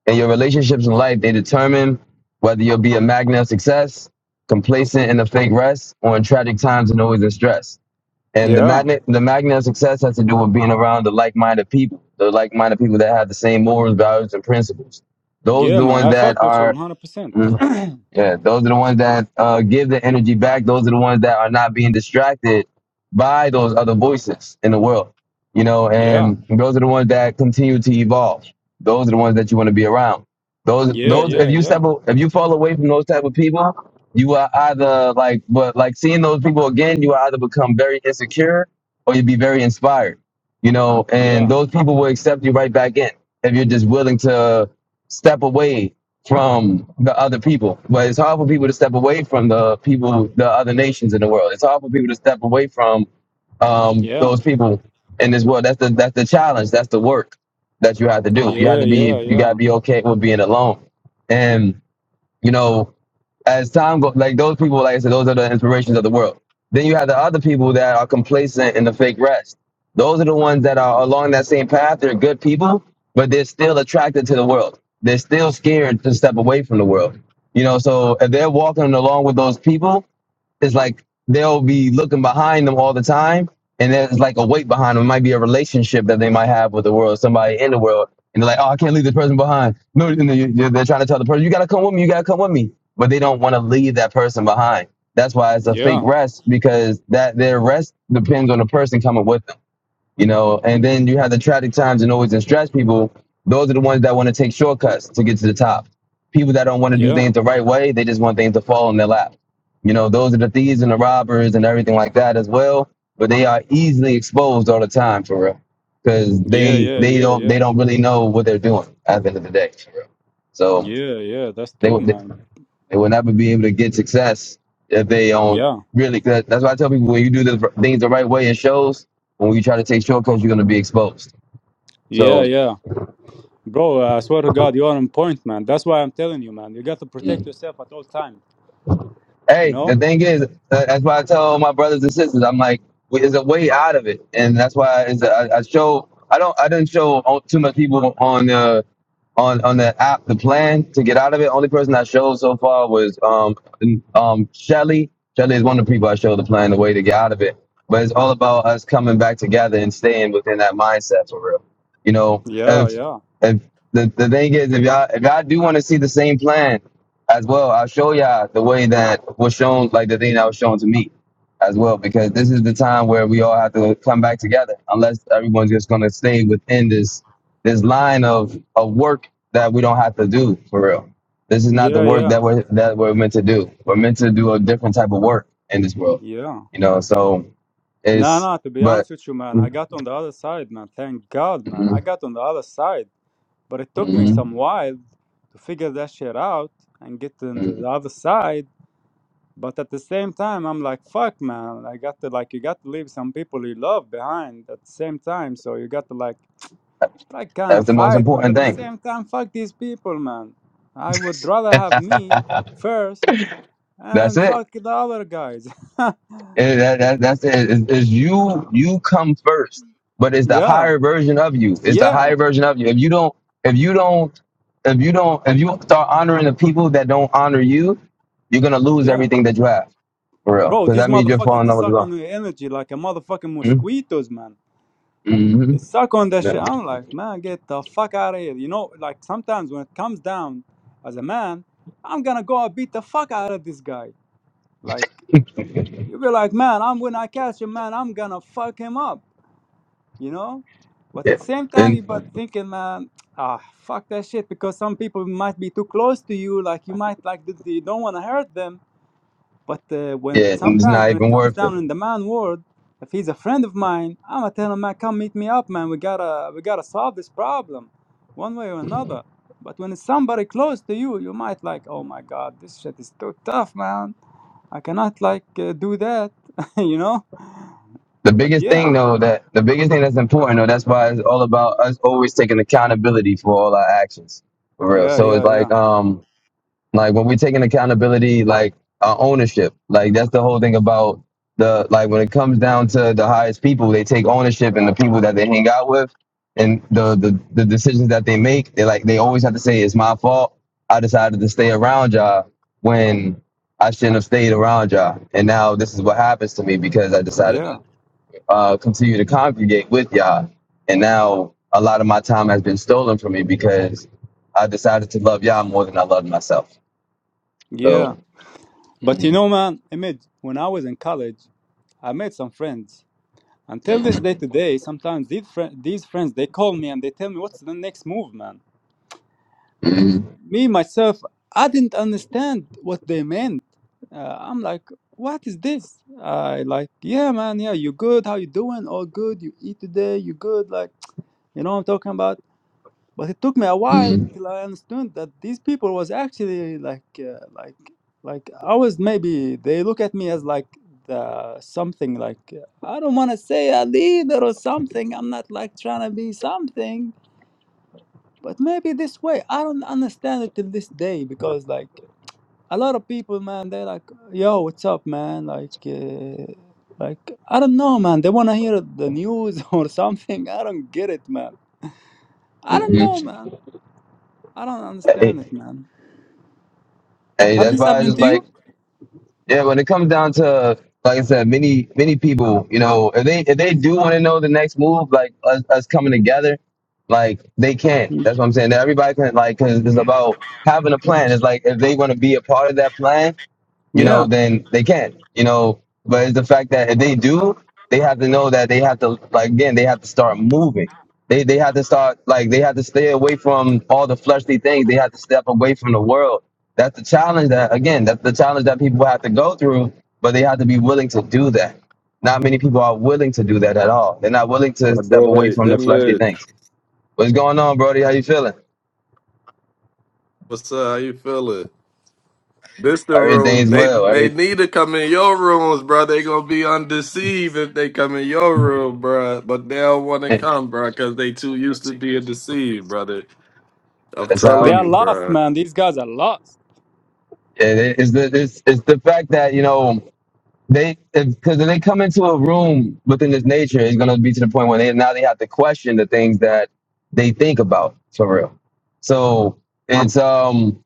and your relationships in life they determine whether you'll be a magnet of success, complacent in a fake rest, or in tragic times and always in stress. And the yeah, magnet, the magnet of success has to do with being around the like-minded people, the like-minded people that have the same morals, values, and principles. Those yeah, the man. ones I that fuck with you are. 100. percent mm, yeah, those are the ones that uh, give the energy back. Those are the ones that are not being distracted by those other voices in the world, you know. Yeah, And those are the ones that continue to evolve. Those are the ones that you want to be around. Those, yeah, those. If yeah, you yeah, step, a- if you fall away from those type of people, you are either like, but like seeing those people again, you will either become very insecure or you'd be very inspired, you know. And yeah, those people will accept you right back in if you're just willing to step away from the other people. But it's hard for people to step away from the people, the other nations in the world. It's hard for people to step away from um, yeah, those people in this world. That's the that's the challenge. That's the work that you have to do. You have yeah, to yeah, be you gotta yeah, be okay with being alone. And you know as time goes, like those people, like I said, those are the inspirations of the world. Then you have the other people that are complacent in the fake rest. Those are the ones that are along that same path. They're good people, but they're still attracted to the world. They're still scared to step away from the world. You know, so if they're walking along with those people, it's like they'll be looking behind them all the time, and there's like a weight behind them. It might be a relationship that they might have with the world, somebody in the world, and they're like, "Oh, I can't leave this person behind." No, and they- they're, they're trying to tell the person, "You gotta come with me. You gotta come with me," but they don't want to leave that person behind. That's why it's a fake yeah, rest because that their rest depends on the person coming with them you know. And then you have the tragic times and always in stress people. Those are the ones that want to take shortcuts to get to the top. People that don't want to do yeah, things the right way, they just want things to fall in their lap. You know, those are the thieves and the robbers and everything like that as well. But they are easily exposed all the time for real, because yeah, they yeah, they yeah, don't they yeah. don't really know what they're doing at the end of the day. For real. So Yeah, yeah, that's they true, would. man. They will never be able to get success if they don't Yeah, really. Cause that's why I tell people when you do the things the right way in shows, when you try to take shortcuts, you're going to be exposed. yeah, So. yeah. Bro, I swear to God, you are on point, man. That's why I'm telling you, man. You got to mm. protect yourself at all times, you Hey, the know? thing is, tha- that's why I tell all my brothers and sisters, I'm like, w- there's a way out of it, and that's why is I, I show. I don't. I didn't show on- too much people on the on on the app the plan to get out of it. Only person I showed so far was um n- um Shelly. Shelly is one of the people I showed the plan, the way to get out of it. But it's all about us coming back together and staying within that mindset for real. You know, Yeah, if yeah, if the, the thing is, if y'all if y'all do want to see the same plan, as well. I'll show y'all the way that was shown, like the thing that was shown to me as well, because this is the time where we all have to come back together, unless everyone's just going to stay within this this line of, of work that we don't have to do for real. This is not the yeah, work yeah, that we're that we're meant to do. We're meant to do a different type of work in this world, yeah. you know. So Nah, it's nah, to be but honest with you, man, I mm, got on the other side, man. Thank God, man. I mm, got on the other side, but it took me mm, some while to figure that shit out and get to mm. the other side. But at the same time, I'm like, fuck, man. I got to, like, you got to leave some people you love behind at the same time. So you got to, like, I kind that's of the most fight, but important at the thing. same time, fuck these people, man. I would rather have me first That's and it. fuck the other guys. And that, that, that's it. Is, is you you come first, but it's the yeah, higher version of you. It's the yeah, higher version of you. If you don't, if you don't, if you don't, if you start honoring the people that don't honor you, you're gonna lose yeah. everything that you have for real. Bro, So these that means you're motherfuckers, falling they over the suck law. on your energy like a motherfucking Mm-hmm. mosquitoes, man. Mm-hmm. They suck on that Yeah. shit. I'm like, man, get the fuck out of here. You know, like sometimes when it comes down as a man, I'm gonna go and beat the fuck out of this guy. Like, you be like, man, I'm when I catch him, man, I'm gonna fuck him up you know but yeah, at the same time and you but thinking man ah fuck that shit because some people might be too close to you like you might like th- you don't want to hurt them but uh, when yeah, and it's sometimes not when it even comes worth it. down in the man world if he's a friend of mine i'ma tell him man come meet me up man we gotta we gotta solve this problem one way or another but when it's somebody close to you you might like oh my god this shit is too tough man i cannot like uh, do that you know The but biggest yeah thing though that the biggest thing that's important though that's why it's all about us always taking accountability for all our actions for real. yeah So it's yeah like yeah um like when we're taking accountability like uh, ownership like that's the whole thing about the like when it comes down to the highest people they take ownership and the people that they hang out with and the the, the decisions that they make they like they always have to say it's my fault i decided to stay around y'all when i shouldn't have stayed around y'all and now this is what happens to me because i decided yeah to uh, continue to congregate with y'all and now a lot of my time has been stolen from me because i decided to love y'all more than i loved myself Yeah. so, But you know, man, Image, when I was in college, I made some friends. Until this day today, sometimes these, fri these friends, they call me and they tell me, what's the next move, man? Me, myself, I didn't understand what they meant. Uh, I'm like, what is this? I like, yeah, man, yeah, you good? How you doing? All good. You eat today? You good? Like, you know what I'm talking about? but it took me a while mm till I understood that these people was actually like uh, like like I was maybe they look at me as like the something like uh, I don't want to say a leader or something. I'm not like trying to be something, but maybe this way I don't understand it till this day because like a lot of people, man, they like yo, what's up, man? Like. Uh, like I don't know, man. They wanna hear the news or something. I don't get it, man. I don't know, mm-hmm. man. I don't hey, understand it, man. hey, Have that's this why it's happened to like, you? yeah, when it comes down to, like I said, many, many people, you know, if they if they do want to know the next move, like us, us coming together, like they can. Mm. That's what I'm saying. That everybody can, like, because it's about having a plan. It's like if they want to be a part of that plan, you know, Yeah. then they can, you know. But it's the fact that if they do, they have to know that they have to, like, again, they have to start moving. They, they have to start, like, they have to stay away from all the fleshly things. They have to step away from the world. That's the challenge that, again, that's the challenge that people have to go through, but they have to be willing to do that. Not many people are willing to do that at all. They're not willing to My step away boy from the fleshly Emmett. things. What's going on, Brody? How you feeling? What's up? How you feeling? This the room. Everything's They well. they Everything. need to come in your rooms, bro. They gonna be undeceived if they come in your room, bro. But they don't wanna come, bro, cause they too used to being deceived, brother. I'm That's They telling how. are you, lost, bro. man. These guys are lost. It is the it's, it's the fact that you know they because if, if they come into a room within this nature, it's going to be to the point where they now they have to question the things that they think about for real. So it's um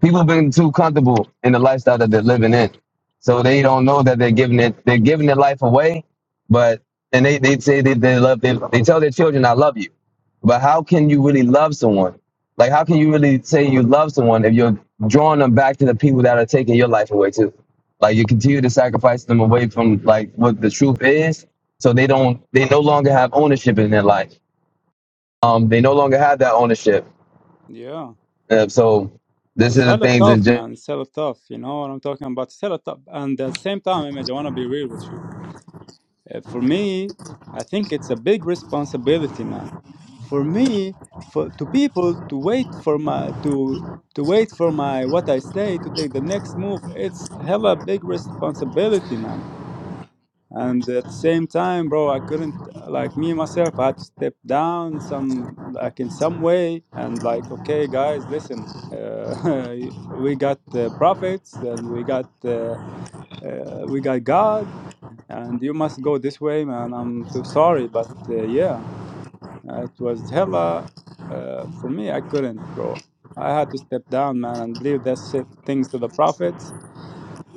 people been too comfortable in the lifestyle that they're living in. So they don't know that they're giving it they're giving their life away, but and they, they say that they love them they tell their children, I love you. But how can you really love someone? Like how can you really say you love someone if you're drawing them back to the people that are taking your life away too? Like you continue to sacrifice them away from like what the truth is, so they don't they no longer have ownership in their life. Um they no longer have that ownership. Yeah. Uh, so this It's is the hella things in tough, man. It's hella tough. You know what I'm talking about? It's hella tough. And at the same time, Image, I want to be real with you. Uh, For me, I think it's a big responsibility, man. For me, for to people to wait for my to to wait for my what I say to take the next move, it's hella big responsibility, man and at the same time bro i couldn't like me myself i had to step down some like in some way and like okay guys listen uh, we got uh, prophets and we got uh, uh, we got god and you must go this way man i'm too sorry but uh, yeah it was hella uh, for me i couldn't bro i had to step down man and leave that shit things to the prophets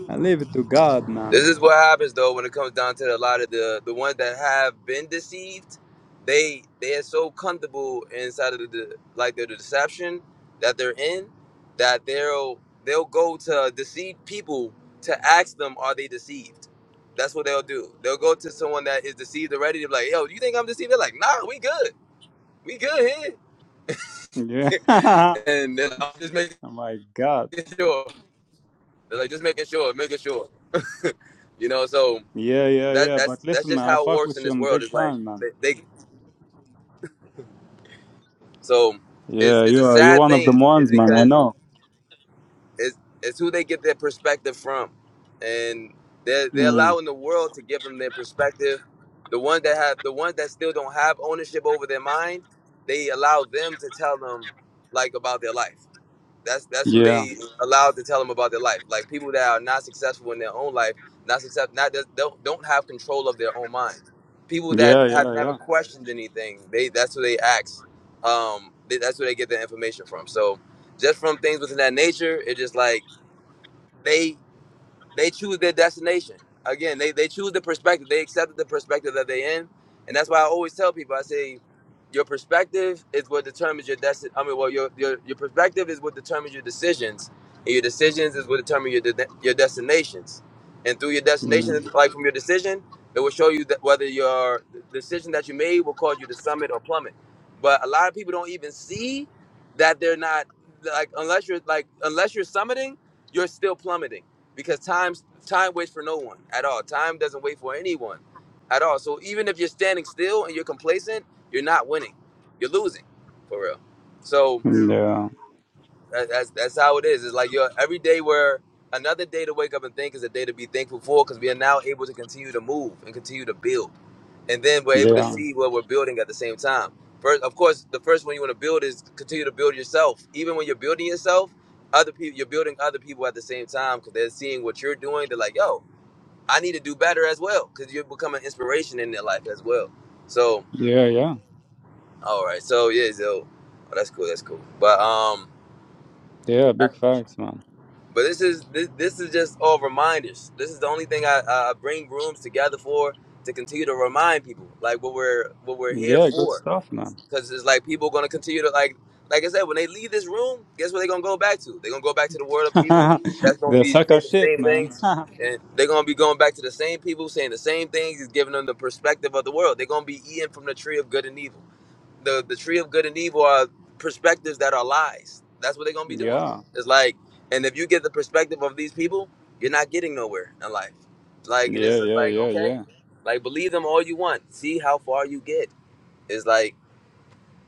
and leave it to god This man is what happens though when it comes down to a lot of the the ones that have been deceived. They they are so comfortable inside of the, like the deception that they're in that they'll they'll go to deceived people to ask them are they deceived. That's what they'll do. They'll go to someone that is deceived already. They're like, yo, do you think I'm deceived? They're like, nah, we good, we good yeah here. oh and then I'm just making my god sure. They're like, just making sure, making sure. you know, so. Yeah, yeah, that yeah. that's But that's listen, just man, I how it fuck works with in you this on world. big It's like time, man. they, they so it's Yeah, it's a you are. You're sad one of them thing. It's ones, man. I because know. it's it's who they get their perspective from, and they're they're Mm. allowing the world to give them their perspective. The ones that have the ones that still don't have ownership over their mind, they allow them to tell them like about their life. That's that's who Yeah, they allowed to tell them about their life. Like people that are not successful in their own life, not success, not that don't don't have control of their own mind. People that yeah, have yeah, never yeah. questioned anything, they that's who they ask. Um, they, that's where they get their information from. So just from things within that nature, it's just like they they choose their destination. Again, they, they choose the perspective. They accept the perspective that they in, and that's why I always tell people. I say, your perspective is what determines your destiny. I mean, well, your, your your perspective is what determines your decisions, and your decisions is what determine your de- your destinations. And through your Mm. destination, like from your decision, it will show you that whether your decision that you made will cause you to summit or plummet. But a lot of people don't even see that they're not like unless you're like unless you're summiting, you're still plummeting because time's time waits for no one at all. Time doesn't wait for anyone at all. So even if you're standing still and you're complacent, you're not winning. You're losing, for real. So Yeah, that, that's that's how it is. It's like you're every day where another day to wake up and think is a day to be thankful for because we are now able to continue to move and continue to build, and then we're able to yeah, see what we're building at the same time. First, of course, the first one you want to build is continue to build yourself. Even when you're building yourself, other people, you're building other people at the same time because they're seeing what you're doing. They're like, "Yo, I need to do better as well because you become an inspiration in their life as well. So, yeah, yeah, all right. So yeah, so oh, that's cool. That's cool. But um, yeah. I- Big facts, man. but this is this, this is just all reminders. This is the only thing I, I I bring rooms together for to continue to remind people like what we're what we're here Yeah, good for. stuff, man. because it's like people gonna continue to like like I said, when they leave this room, guess what they're gonna go back to? They're gonna go back to the world of people that's gonna the be sucker saying the shit, same man. things. And they're gonna be going back to the same people saying the same things, is giving them the perspective of the world. They're gonna be eating from the tree of good and evil. The the tree of good and evil are perspectives that are lies. That's what they're gonna be doing. yeah, It's like and if you get the perspective of these people, you're not getting nowhere in life. Like and yeah, it's just yeah, like, yeah, okay. yeah, Like believe them all you want. See how far you get. It's like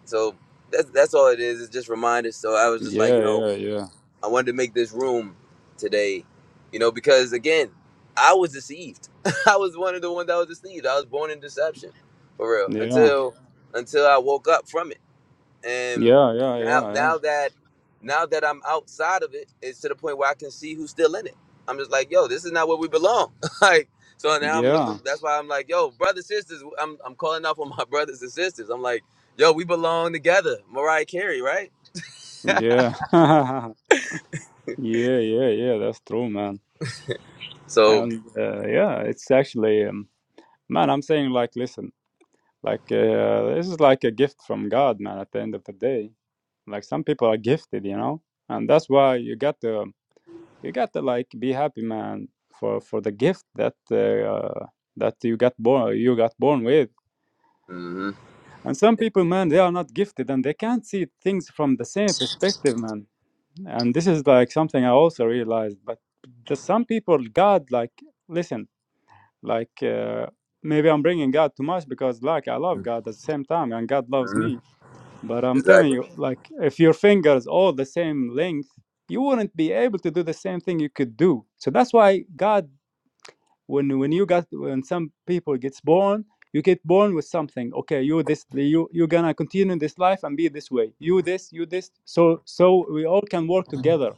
so that's that's all it is. It's just reminders. So I was just like, yeah, you know, yeah, I wanted to make this room today, you know, because again, I was deceived. I was one of the ones that was deceived. I was born in deception, for yeah, real. yeah, Until until I woke up from it. yeah, And yeah, now yeah, now that now that I'm outside of it, it's to the point where I can see who's still in it. I'm just like, yo, this is not where we belong. like so yeah, now I'm yeah, looking that's why I'm like, yo, brothers, sisters, I'm I'm calling out for my brothers and sisters. I'm like, yo, we belong together. Mariah Carey, right? yeah, yeah, yeah, yeah. That's true, man. So And uh, yeah, it's actually. Um, Man, I'm saying like, listen, like uh, this is like a gift from God, man. At the end of the day, like some people are gifted, you know, and that's why you got to you got to like be happy, man, for for the gift that uh, that you got born you got born with. mhm. And some people, man, they are not gifted and they can't see things from the same perspective, man. And this is like something I also realized. But there's some people, God, like, listen. like uh, maybe i'm bringing god too much because like i love god at the same time and god loves hmm me but i'm telling Exactly. you like if your fingers all the same length you wouldn't be able to do the same thing you could do so that's why god when when you got when some people gets born you get born with something okay you this you you're gonna continue this life and be this way you this you this so so we all can work together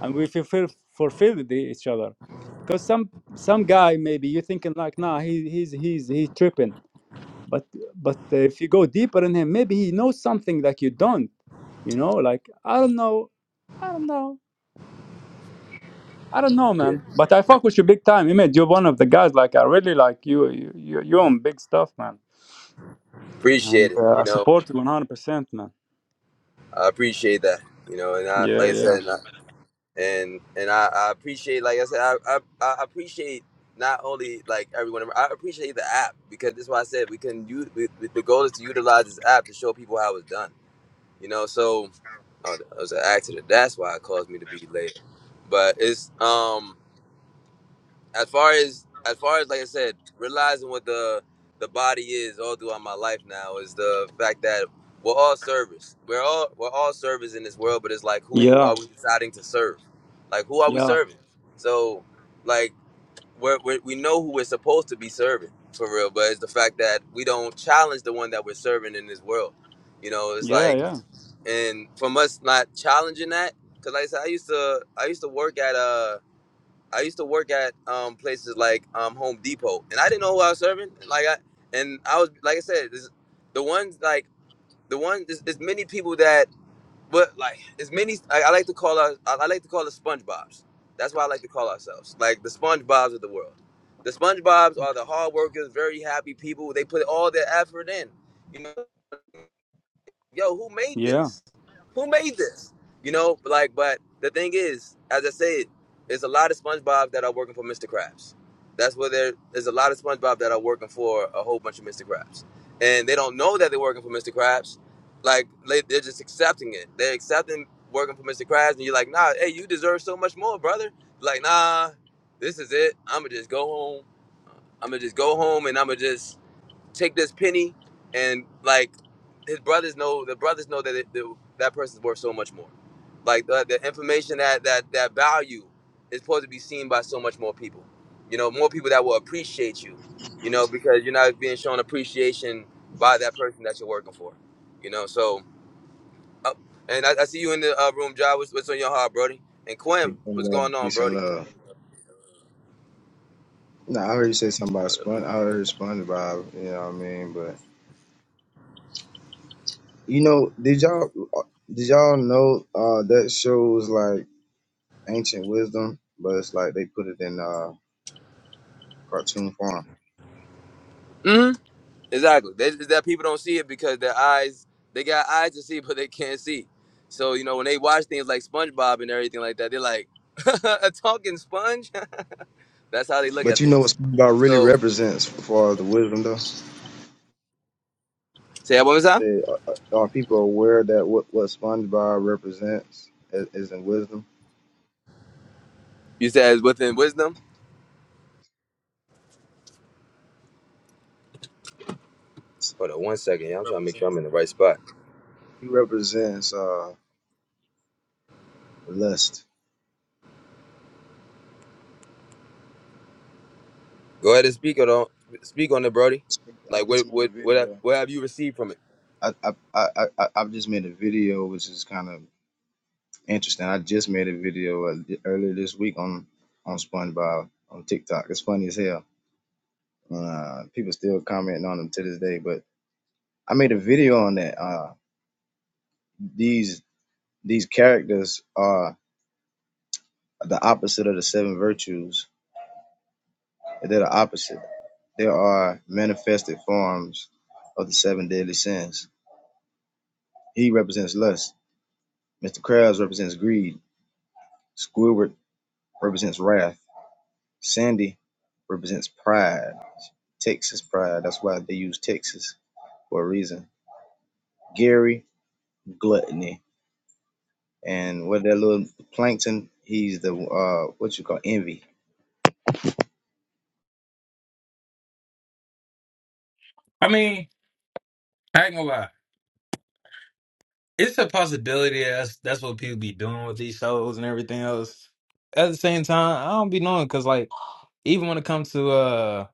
and we fulfill fulfill the, each other because some some guy maybe you're thinking like nah he, he's he's he's tripping but but if you go deeper in him maybe he knows something that you don't you know like i don't know i don't know I don't know, Yeah. man. But I fuck with you big time, Image. You're one of the guys. Like I really like you. You you you on big stuff, man. And Appreciate it. uh, You I know, support you 100, percent man. I appreciate that. You know, and I, Yeah, like I yeah, said, and and I, I appreciate like I said I, I I appreciate not only like everyone I appreciate the app because that's why I said we can use we, we- the goal is to utilize this app to show people how it's done you know so oh, it was an accident that's why it caused me to be late but it's um as far as as far as like I said, realizing what the the body is all throughout my life now is the fact that we're all service. We're all we're all service in this world, but it's like who yeah, are we deciding to serve? Like who are we yeah, serving? So like we're, we're, we know who we're supposed to be serving for real, but it's the fact that we don't challenge the one that we're serving in this world. You know, it's yeah, like yeah, and from us not challenging that, because like I said, I used to I used to work at uh I used to work at um, places like um, Home Depot, and I didn't know who I was serving. Like I, and I was like I said, this, the ones like the ones. There's, there's many people that, but like as many. I, I like to call us. I, I like to call us SpongeBob's. That's why I like to call ourselves like the SpongeBob's of the world. The SpongeBob's are the hard workers, very happy people. They put all their effort in. You know, yo, who made yeah. this? Who made this? You know, like, but the thing is, as I said, there's a lot of SpongeBob that are working for Mr. Krabs. That's where there, there's a lot of SpongeBob that are working for a whole bunch of Mr. Krabs, and they don't know that they're working for Mr. Krabs. Like they're just accepting it. They're accepting working for Mr. Krabs, and you're like, nah, hey, you deserve so much more, brother. Like, nah, this is it. I'ma just go home. I'ma just go home, and I'ma just take this penny and like his brothers know the brothers know that it, that, that person's worth so much more like the, the information that that that value is supposed to be seen by so much more people you know more people that will appreciate you you know because you're not being shown appreciation by that person that you're working for you know so uh, and I, I see you in the uh, room job what's, what's on your heart brody and quinn Peace and what's love. going on Peace and brody love. No, I heard you say something about Spon. I heard SpongeBob. You know what I mean? But you know, did y'all uh, did y'all know uh, that shows like ancient wisdom, but it's like they put it in uh, cartoon form. Exactly. They, it's that people don't see it because their eyes, they got eyes to see, but they can't see. So, you know, when they watch things like SpongeBob and everything like that, they're like, a talking sponge? That's how they look at But you know what things. SpongeBob really So, represents for the wisdom, though. say that one more time. They, are, are people aware that what what SpongeBob represents is, is in wisdom? You said it's within wisdom. He Hold on one second. Yeah, I'm trying to make sure I'm represents in the right spot. he represents uh, lust. Go ahead and speak on, it, speak on it, Brody. I Like, just what, made a what, what, have- video. what have you received from it? I I I I I've just made a video, which is kind of interesting. I just made a video uh, earlier this week on on SpongeBob on TikTok. It's funny as hell. Uh, people still commenting on them to this day. But I made a video on that. Uh, these these characters are the opposite of the seven virtues. They're the opposite. They are manifested forms of the seven deadly sins. He represents lust. Mr. Krabs represents greed. Squidward represents wrath. Sandy represents pride, Texas pride. That's why they use Texas for a reason. Gary, gluttony, and what that little plankton? He's the uh, what you call envy. I mean, I ain't gonna lie. It's a possibility that's that's what people be doing with these shows and everything else. At the same time, I don't be knowing because like even when it comes to uh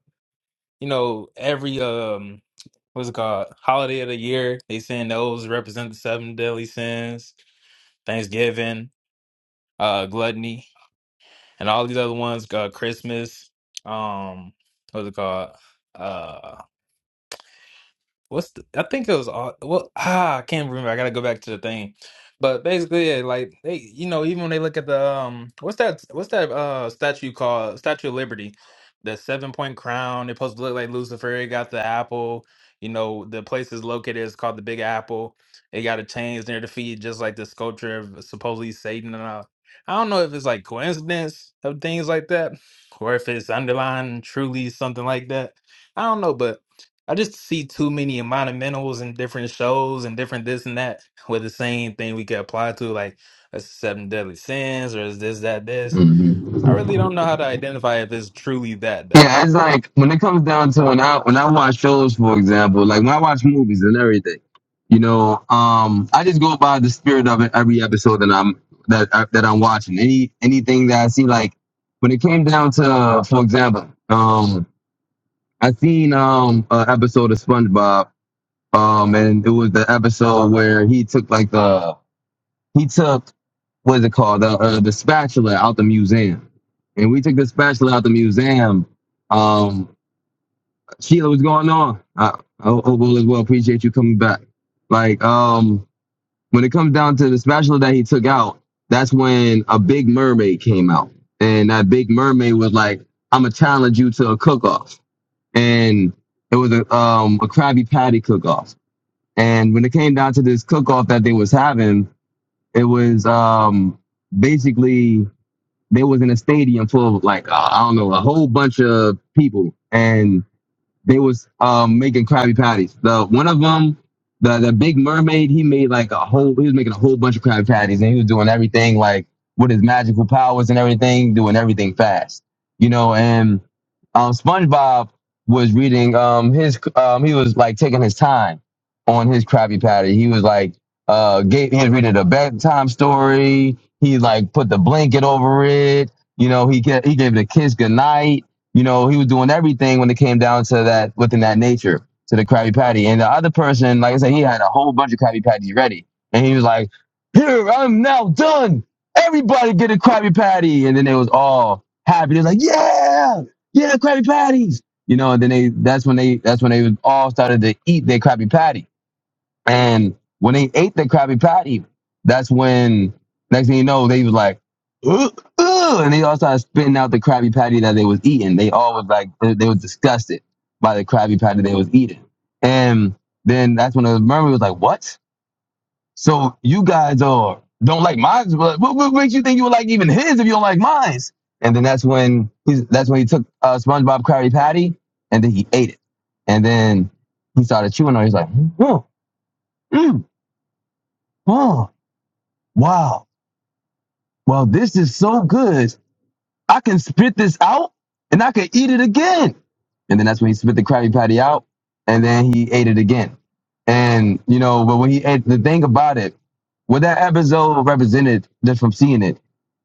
you know every um what's it called holiday of the year they saying those represent the seven deadly sins, Thanksgiving, uh gluttony, and all these other ones. Uh, Christmas, um what's it called? uh, What's the, I think it was all well ah I can't remember. I gotta go back to the thing. But basically, yeah, like they you know even when they look at the um what's that what's that uh statue called Statue of Liberty, the seven point crown. It's supposed to look like Lucifer. It got the apple. You know the place is located is called the Big Apple. It got a chains near the feet, just like the sculpture of supposedly Satan and all. I don't know if it's like coincidence of things like that, or if it's underlying truly something like that. I don't know, but. I just see too many monumentals and different shows and different this and that with the same thing we could apply to like a seven deadly sins or is this that this. I Mhm. really don't know how to identify if it's truly that though. Yeah, it's like when it comes down to when I when I watch shows, for example, like when I watch movies and everything, you know, um, I just go by the spirit of it every episode that I'm that I, that I'm watching. Any anything that I see, like when it came down to, for example, um, I seen um an episode of SpongeBob, um, and it was the episode where he took like the he took what is it called the uh, the spatula out the museum, and we took the spatula out the museum. Um, Sheila, what's going on? I, I hope all is well. Appreciate you coming back. Like, um, when it comes down to the spatula that he took out, that's when a big mermaid came out. And that big mermaid was like, I'm gonna challenge you to a cook off. And it was a um a Krabby Patty cook off. And when it came down to this cook off that they was having, it was um basically they was in a stadium full of like uh, I don't know a whole bunch of people, and they was um making Krabby Patties. The one of them, the the Big Mermaid, he made like a whole. He was making a whole bunch of Krabby Patties, and he was doing everything like with his magical powers and everything, doing everything fast, you know. And um, SpongeBob was reading um his um he was like taking his time on his Krabby Patty. He was like uh gave, he was reading a bedtime story. He like put the blanket over it. You know, he get, he gave the kids goodnight you know, he was doing everything when it came down to that within that nature to the Krabby Patty. And the other person, like I said, he had a whole bunch of Krabby Patties ready, and he was like, "Here, I'm now done. Everybody get a Krabby Patty." And then they was all happy. They was like, "Yeah, yeah, Krabby Patties." You know, and then they that's when they that's when they all started to eat their Krabby Patty. And when they ate the Krabby Patty, that's when next thing you know, they was like, ugh, ugh, and they all started spitting out the Krabby Patty that they was eating. They all was like, they, they was disgusted by the Krabby Patty they was eating. And then that's when the mermaid was like, what? So you guys are don't like mine? What, what makes you think you would like even his if you don't like mine? And then that's when he's that's when he took uh, SpongeBob Krabby Patty and then he ate it. And then he started chewing on. it. He's like, hmm, hmm, Oh, wow. Well, this is so good. I can spit this out and I can eat it again. And then that's when he spit the Krabby Patty out and then he ate it again. And, you know, but when he ate the thing about it, what that episode represented just from seeing it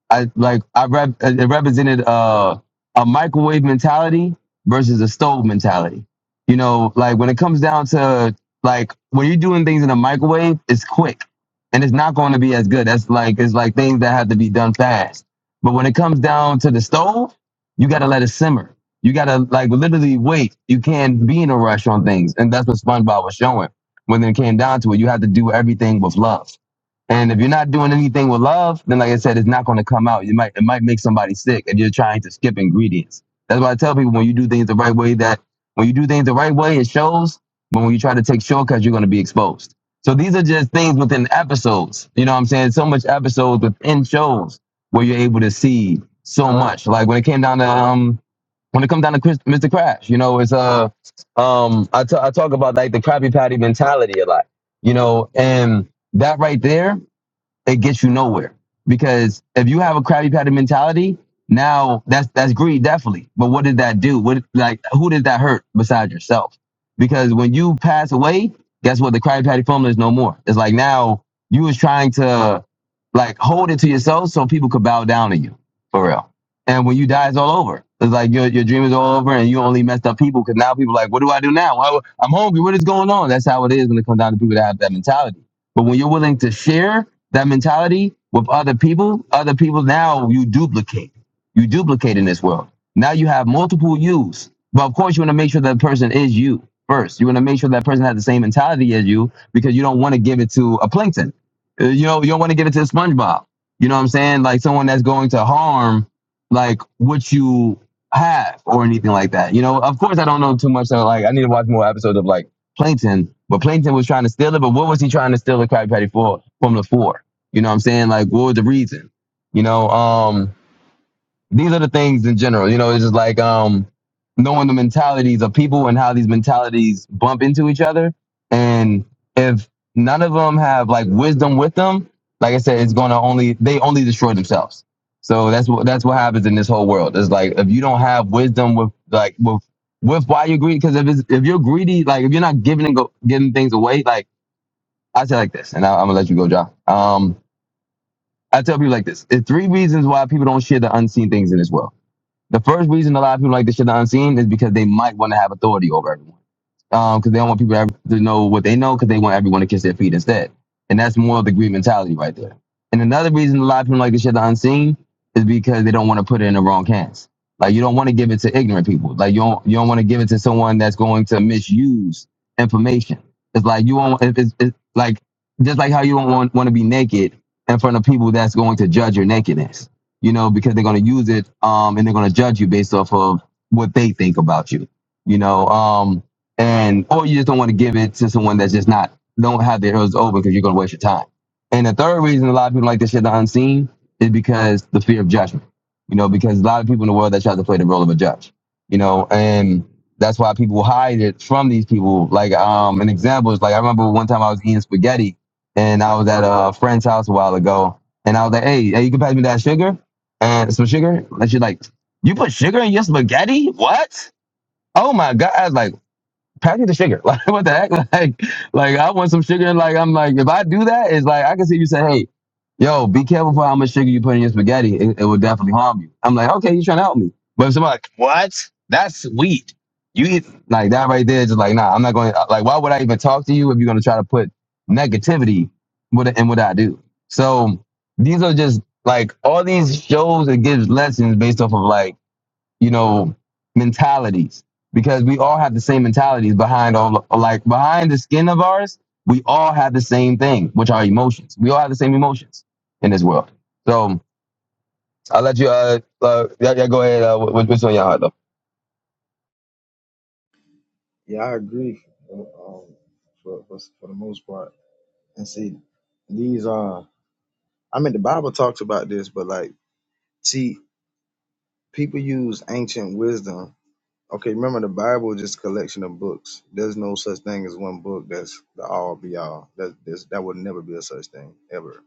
I like I rep, it represented uh, a microwave mentality versus a stove mentality. You know, like when it comes down to like when you're doing things in a microwave, it's quick and it's not going to be as good. That's like it's like things that have to be done fast. But when it comes down to the stove, you got to let it simmer. You got to like literally wait. You can't be in a rush on things, and that's what SpongeBob was showing. When it came down to it, you have to do everything with love and if you're not doing anything with love, then like I said, it's not going to come out. You might it might make somebody sick if you're trying to skip ingredients. That's why I tell people when you do things the right way, that when you do things the right way, it shows. But when you try to take shortcuts, you're going to be exposed. So these are just things within episodes. You know what I'm saying? So much episodes within shows where you're able to see so much. Like when it came down to um when it comes down to Chris, Mr. Crash, you know, it's uh um I t- I talk about like the Krabby Patty mentality a lot, you know, and that right there it gets you nowhere. Because if you have a crabby patty mentality, now that's that's greed, definitely. But what did that do? What like who did that hurt besides yourself? Because when you pass away, guess what? The crabby patty formula is no more. It's like now you was trying to like hold it to yourself so people could bow down to you for real. And when you die, it's all over. It's like your your dream is all over, and you only messed up people because now people are like, what do I do now? Why- I'm hungry. What is going on? That's how it is when it comes down to people that have that mentality. But when you're willing to share that mentality with other people, other people now you duplicate. You duplicate in this world. Now you have multiple yous. But of course you want to make sure that person is you first. You want to make sure that person has the same mentality as you because you don't want to give it to a plankton. Uh, You know, you don't want to give it to a SpongeBob. You know what I'm saying? Like someone that's going to harm like what you have or anything like that. You know, of course I don't know too much. So like I need to watch more episodes of like Plankton, but Plankton was trying to steal it. But what was he trying to steal the Krabby Patty for from the four? You know what I'm saying? Like, what was the reason? You know, um, these are the things in general. You know, it's just like um, knowing the mentalities of people and how these mentalities bump into each other. And if none of them have like wisdom with them, like I said, it's gonna only they only destroy themselves. So that's what that's what happens in this whole world. It's like if you don't have wisdom with like with with why you're greedy, because if it's, if you're greedy, like if you're not giving and go, giving things away, like I say like this, and I, I'm gonna let you go, John. Um, I tell people like this. There's three reasons why people don't share the unseen things in this world. The first reason a lot of people like to share the unseen is because they might want to have authority over everyone. Um, because they don't want people to have- to know what they know because they want everyone to kiss their feet instead. And that's more of the greed mentality right there. And another reason a lot of people like to share the unseen is because they don't want to put it in the wrong hands. Like you don't want to give it to ignorant people. Like you don't you don't want to give it to someone that's going to misuse information. It's like you won't. It's, it's it's like just like how you don't want, want to be naked in front of people that's going to judge your nakedness. You know because they're going to use it um and they're going to judge you based off of what they think about you. You know um and or you just don't want to give it to someone that's just not don't have their ears open because you're going to waste your time. And the third reason a lot of people like to share the unseen is because the fear of judgment. You know, because a lot of people in the world that try to play the role of a judge. You know, and that's why people hide it from these people. Like um, an example is like I remember one time I was eating spaghetti and I was at a friend's house a while ago, and I was like, "Hey, hey you can pass me that sugar and some sugar." And she's like, "You put sugar in your spaghetti? What?" Oh my god! I was like, package the sugar. Like what the heck? Like like I want some sugar. And like I'm like if I do that, it's like I can see you say, hey, yo, be careful for how much sugar you put in your spaghetti. It, it will definitely harm you. I'm like, okay, you trying to help me. But if somebody like, what? That's sweet. You eat like that right there, just like nah. I'm not going. to Like why would I even talk to you if you're gonna try to put negativity with it in what I do? So these are just like all these shows. that gives lessons based off of like you know, mentalities because we all have the same mentalities behind all, like behind the skin of ours, we all have the same thing, which are emotions. We all have the same emotions in this world. So I'll let you, uh, uh yeah, yeah, go ahead. Uh, what, what's on your heart though? Yeah, I agree. Um, for, for for the most part, and see, these are. I mean, the Bible talks about this, but like, see, people use ancient wisdom Okay, remember the Bible is just a collection of books. There's no such thing as one book that's the all be all. That that's, that would never be a such thing ever.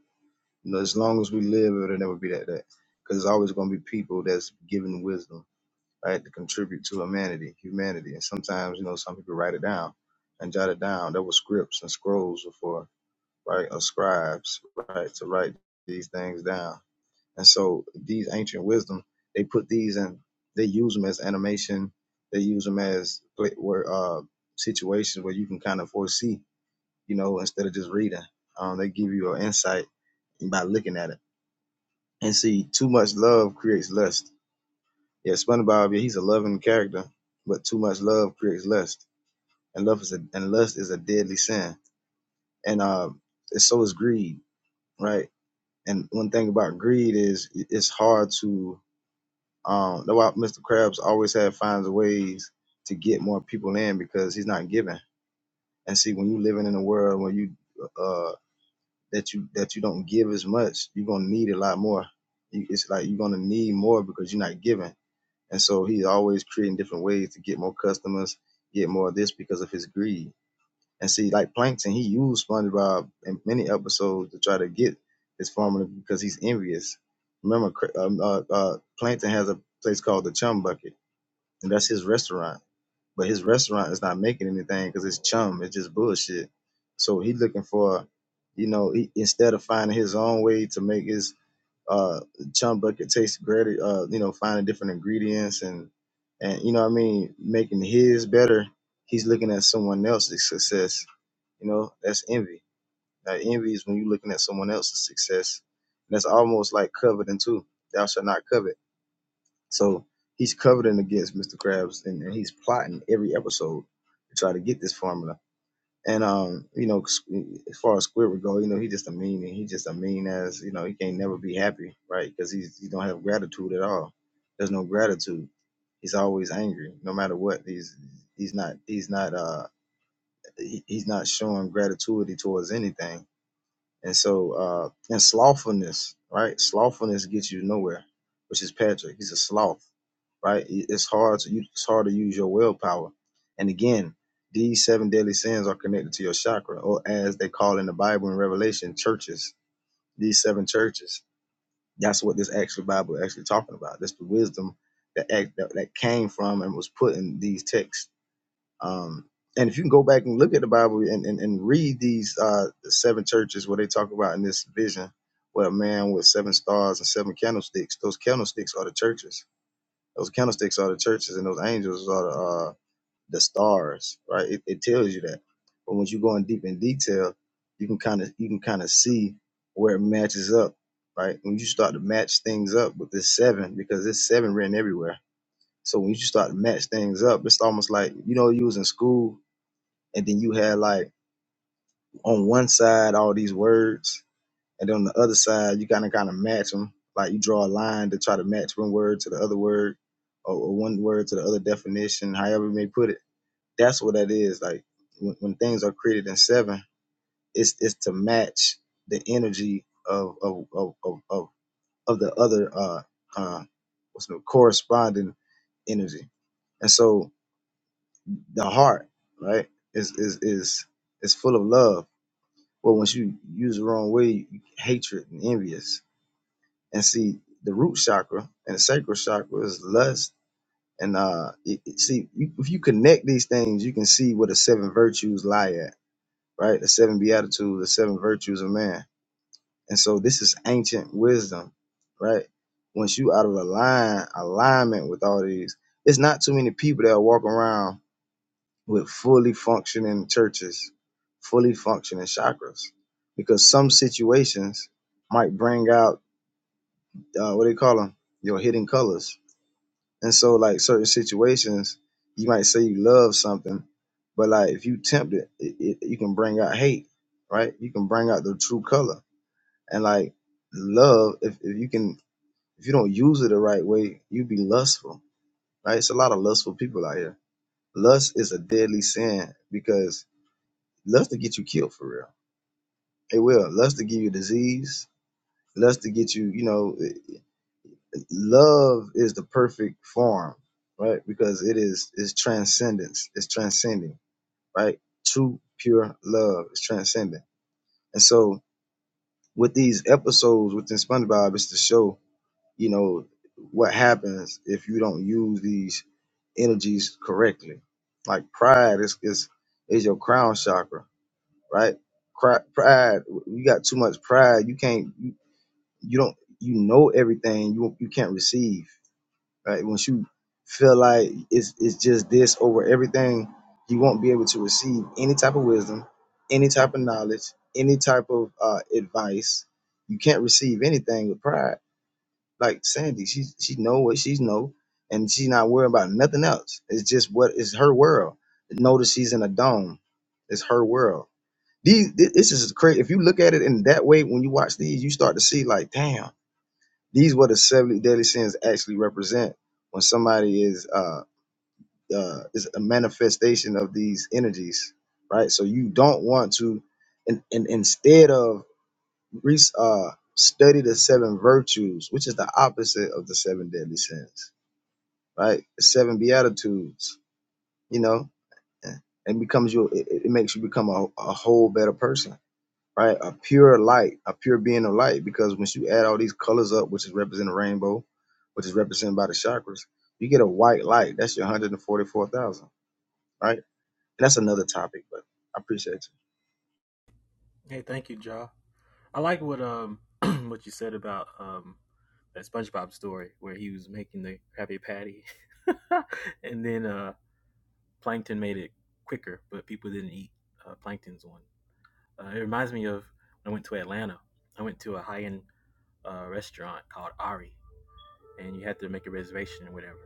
You know, as long as we live, it'll never be that that because it's always going to be people that's giving wisdom, right, to contribute to humanity, humanity. And sometimes you know some people write it down and jot it down. There were scripts and scrolls before, right, or scribes, right, to write these things down and so these ancient wisdom, they put these and they use them as animation. They use them as pla- where uh, situations where you can kind of foresee, you know, instead of just reading. Um, they give you an insight by looking at it. And see, too much love creates lust. Yeah, SpongeBob, yeah, he's a loving character, but too much love creates lust, and love is a and lust is a deadly sin. And uh, so is greed, right? And one thing about greed is it's hard to Um, that's why Mr. Krabs always had finds ways to get more people in because he's not giving. And see, when you living in a world where you uh, that you that you don't give as much, you're gonna need a lot more. You- It's like you're gonna need more because you're not giving. And so he's always creating different ways to get more customers, get more of this because of his greed. And see, like Plankton, he used SpongeBob in many episodes to try to get his formula because he's envious. Remember, Kra- um, uh, uh, Plankton has a place called the Chum Bucket and that's his restaurant. But his restaurant is not making anything because it's chum. It's just bullshit. So he looking for, you know, he, instead of finding his own way to make his uh chum bucket taste greater, uh, you know, finding different ingredients and and you know what I mean, making his better. He's looking at someone else's success. You know, that's envy. Now envy is when you're looking at someone else's success. That's almost like coveting too. Thou shalt not covet so he's covering against Mr. Krabs, and, and he's plotting every episode to try to get this formula. And um, you know, as far as Squidward go, you know, he just a mean, and he just a mean as you know, he can't never be happy, right? Because he's he don't have gratitude at all. There's no gratitude. He's always angry, no matter what. He's he's not he's not uh he, he's not showing gratitude towards anything. And so uh and slothfulness, right? Slothfulness gets you nowhere, which is Patrick. He's a sloth right? It- It's hard to it's hard to use your willpower. And again, these seven deadly sins are connected to your chakra, or as they call in the Bible in Revelation, churches. These seven churches. That's what this actual Bible is actually talking about. That's the wisdom that act, that, that came from and was put in these texts. Um, and if you can go back and look at the Bible and, and, and read these uh, the seven churches where they talk about in this vision, where a man with seven stars and seven candlesticks, those candlesticks are the churches those candlesticks are the churches, and those angels are the uh, the stars, right? It, it tells you that. But once you go in deep in detail, you can kind of you can kind of see where it matches up, right? When you start to match things up with this seven, because this seven written everywhere. So when you start to match things up, it's almost like you know you was in school and then you had like on one side all these words and then on the other side, you gotta kind of match them. Like you draw a line to try to match one word to the other word, or, one word to the other definition, however you may put it. That's what that is. Like when, when things are created in seven, it's it's to match the energy of of of of of, of the other uh uh what's the corresponding energy. And so the heart, right, is is is is full of love. But once you use the wrong way, hatred and envious And see, the root chakra and the sacral chakra is lust. And uh, it, it- see, you, if you connect these things, you can see where the seven virtues lie at, right? The seven beatitudes, the seven virtues of man. And so this is ancient wisdom, right? Once you out of align alignment with all these, it's not too many people that walk around with fully functioning churches, fully functioning chakras, because some situations might bring out uh, what they call them, your hidden colors And so, like certain situations, you might say you love something, but like if you tempt it, it, it you can bring out hate, right? You can bring out the true color. And like love, if, if you can, if you don't use it the right way, you be lustful, right? It's a lot of lustful people out here. Lust is a deadly sin because lust to get you killed for real. It will. Lust to give you disease. Lust to get you, you know. love is the perfect form, right? Because it is is transcendence, it's transcending, right? True pure love is transcendent. And so with these episodes within SpongeBob it's to show, you know, what happens if you don't use these energies correctly. Like pride is is, is your crown chakra, right? Cri- Pride, you got too much pride, you can't you, you don't you know everything, you you can't receive right? Once you feel like it's it's just this over everything, you won't be able to receive any type of wisdom, any type of knowledge, any type of uh, advice. You can't receive anything with pride. Like Sandy, she she know what she's know, and she's not worried about nothing else. It's just what is her world. Notice she's in a dome. It's her world. These thi- this is crazy. If you look at it in that way, when you watch these, you start to see like, damn these what the 70 deadly sins actually represent when somebody is uh, uh is a manifestation of these energies, right? So you don't want to and, and instead of re- uh study the seven virtues, which is the opposite of the seven deadly sins, right? The seven beatitudes, you know, and it becomes you it it makes you become a, a whole better person right? A pure light, a pure being of light. Because once you add all these colors up, which is representing the rainbow, which is represented by the chakras, you get a white light. That's your 144,000, right? And that's another topic, but I appreciate you. Hey, thank you, Ja. I like what um what you said about um that SpongeBob story where he was making the Krabby Patty, and then uh Plankton made it quicker, but people didn't eat uh, Plankton's one. Uh, it reminds me of when I went to Atlanta. I went to a high end uh, restaurant called Ari, and you had to make a reservation or whatever.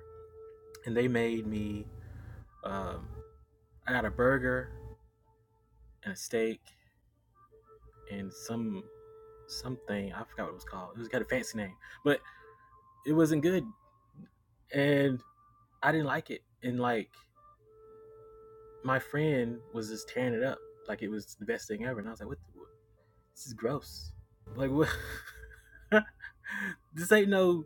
And they made me um I got a burger and a steak and some something I forgot what it was called. It was got a fancy name, but it wasn't good and I didn't like it. And like my friend was just tearing it up like it was the best thing ever. And I was like, what? what this is gross. Like what? this ain't no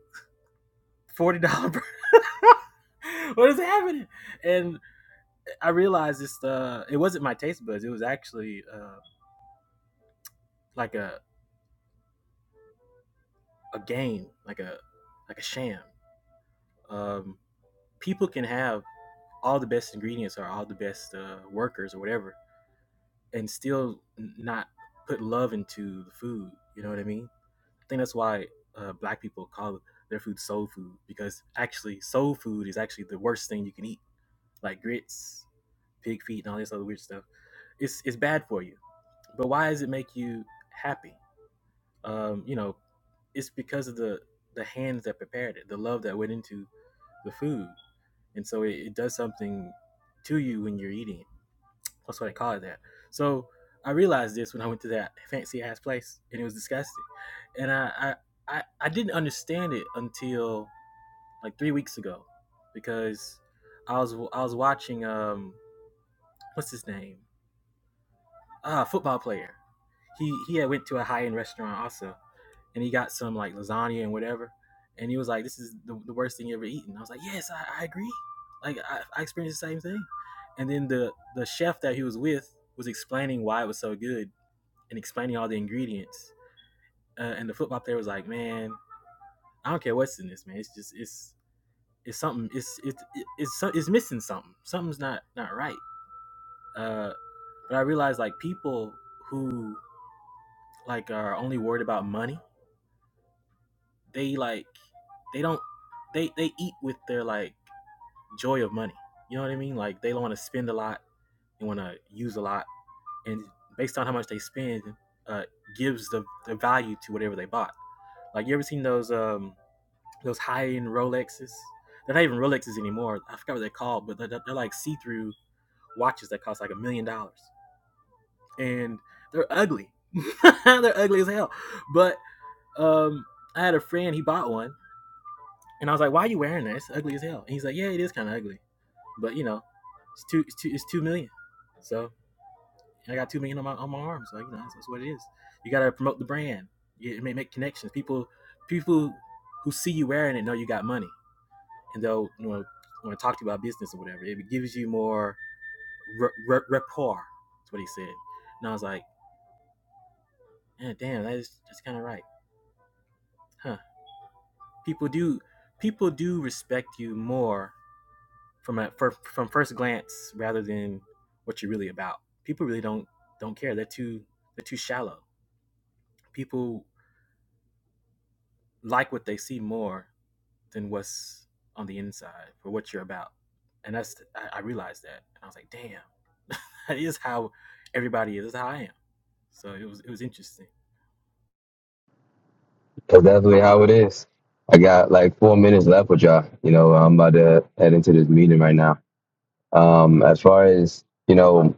forty dollar. what is happening? And I realized this. Uh, it wasn't my taste buds. It was actually uh, like a a game, like a like a sham. Um, people can have all the best ingredients or all the best uh, workers or whatever, and still not put love into the food. You know what I mean? I think that's why uh, black people call their food soul food because actually soul food is actually the worst thing you can eat, like grits, pig feet, and all this other weird stuff. It's it's bad for you. But why does it make you happy? Um, you know, it's because of the the hands that prepared it, the love that went into the food, and so it, it does something to you when you're eating it That's why they call it that. So I realized this when I went to that fancy ass place, and it was disgusting. And I, I, I, I didn't understand it until like three weeks ago, because I was I was watching um what's his name ah football player. He he had went to a high end restaurant also, and he got some like lasagna and whatever, and he was like, "This is the, the worst thing you ever eaten." I was like, "Yes, I, I agree." Like I, I experienced the same thing. And then the the chef that he was with was explaining why it was so good, and explaining all the ingredients. Uh, and the flip flop there was like, man, I don't care what's in this, man. It's just it's it's something. It's it's it's it's, it's missing something. Something's not not right. Uh, but I realized like people who like are only worried about money, they like they don't they they eat with their like joy of money. You know what I mean? Like they don't want to spend a lot, they want to use a lot, and based on how much they spend, uh, gives the, the value to whatever they bought. Like you ever seen those um those high end Rolexes. They're not even Rolexes anymore. I forgot what they're called, but they're, they're like see through watches that cost like a million dollars, and they're ugly. they're ugly as hell. But um, I had a friend. He bought one, and I was like, "Why are you wearing that? It's ugly as hell." And he's like, "Yeah, it is kind of ugly, but you know, it's two, it's two, it's two million. So I got two million on my on my arm. So you know, that's, that's what it is. You gotta promote the brand. You may make connections. People, people who see you wearing it know you got money. and they'll you know, want to talk to you about business or whatever. It gives you more r- r- rapport. That's what he said. And I was like, eh, damn, that is that's kind of right, huh? People do people do respect you more from a for, from first glance rather than what you're really about. People really don't don't care. They're too they're too shallow. People like what they see more than what's on the inside for what you're about. And that's I, I realized that, and I was like, damn, that is how everybody is. That's how I am. So it was it was interesting. That's definitely how it is. I got like four minutes left with y'all. You know, I'm about to head into this meeting right now. Um, as far as, you know,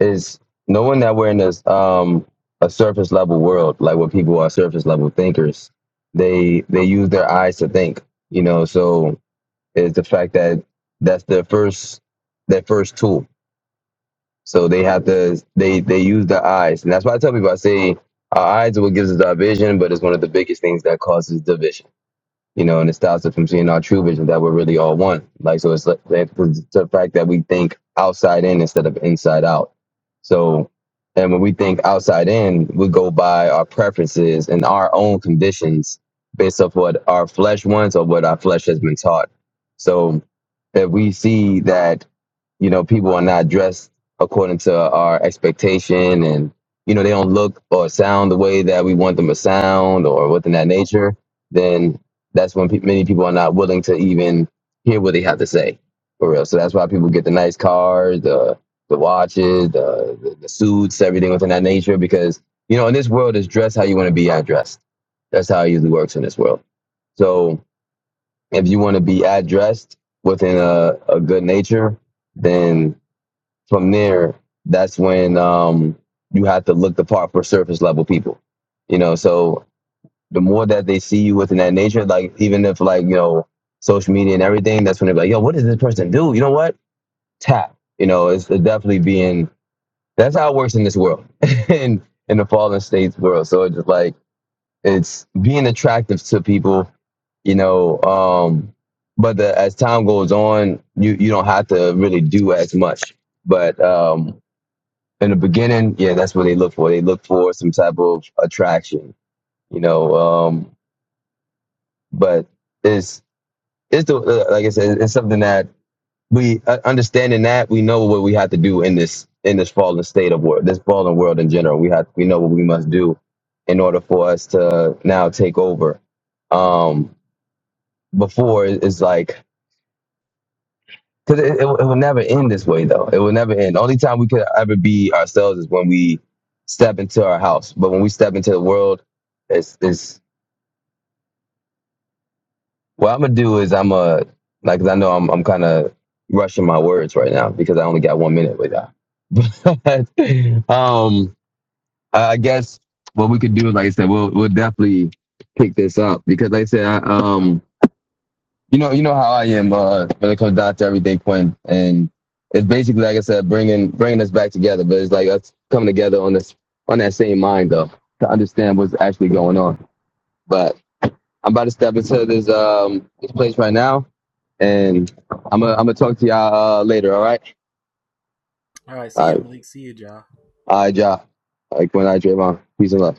is knowing that we're in this um a surface level world, like where people are surface level thinkers, they they use their eyes to think, you know. So it's the fact that that's their first their first tool. So they have to they they use their eyes, and that's why I tell people I say our eyes are what gives us our vision, but it's one of the biggest things that causes division you know, and it stops us from seeing our true vision that we're really all one. Like, so it's like it's the fact that we think outside in instead of inside out. So, and when we think outside in, we go by our preferences and our own conditions based off what our flesh wants or what our flesh has been taught. So, that we see that you know people are not dressed according to our expectation and you know they don't look or sound the way that we want them to sound or within that nature then that's when pe- many people are not willing to even hear what they have to say for real so that's why people get the nice cars the the watches the the, the suits everything within that nature because you know in this world it's dress how you want to be addressed that's how it usually works in this world so if you want to be addressed within a, a good nature, then from there, that's when um, you have to look the part for surface level people. You know, so the more that they see you within that nature, like even if like, you know, social media and everything, that's when they're like, yo, what does this person do? You know what? Tap. You know, it's, definitely being that's how it works in this world in in the fallen states world. So it's just like it's being attractive to people, you know. Um, but the, as time goes on, you you don't have to really do as much. But um, in the beginning, yeah, that's what they look for. They look for some type of attraction, you know. Um, but it's it's the, uh, like I said, it's something that we uh, understanding that we know what we have to do in this in this fallen state of world, this fallen world in general. We have we know what we must do in order for us to now take over. Um, before is like because it, it, will- it will never end this way though it will never end only time we could ever be ourselves is when we step into our house but when we step into the world it's it's what i'm gonna do is i'm a like 'cause i know i'm, I'm kind of rushing my words right now because i only got one minute with that but um i I guess what we could do is, like i said we'll we'll definitely pick this up because like i said I, um you know, you know how I am uh, when it comes down to everything, Quinn. And it's basically, like I said, bringing bringing us back together. But it's like us coming together on this on that same mind, though, to understand what's actually going on. But I'm about to step into this um this place right now, and I'm gonna I'm gonna talk to y'all uh, later. All right. All right, see All you, right. Malik. See you, y'all. All right, y'all. All right, Quinn. All right, Trayvon. Peace and love.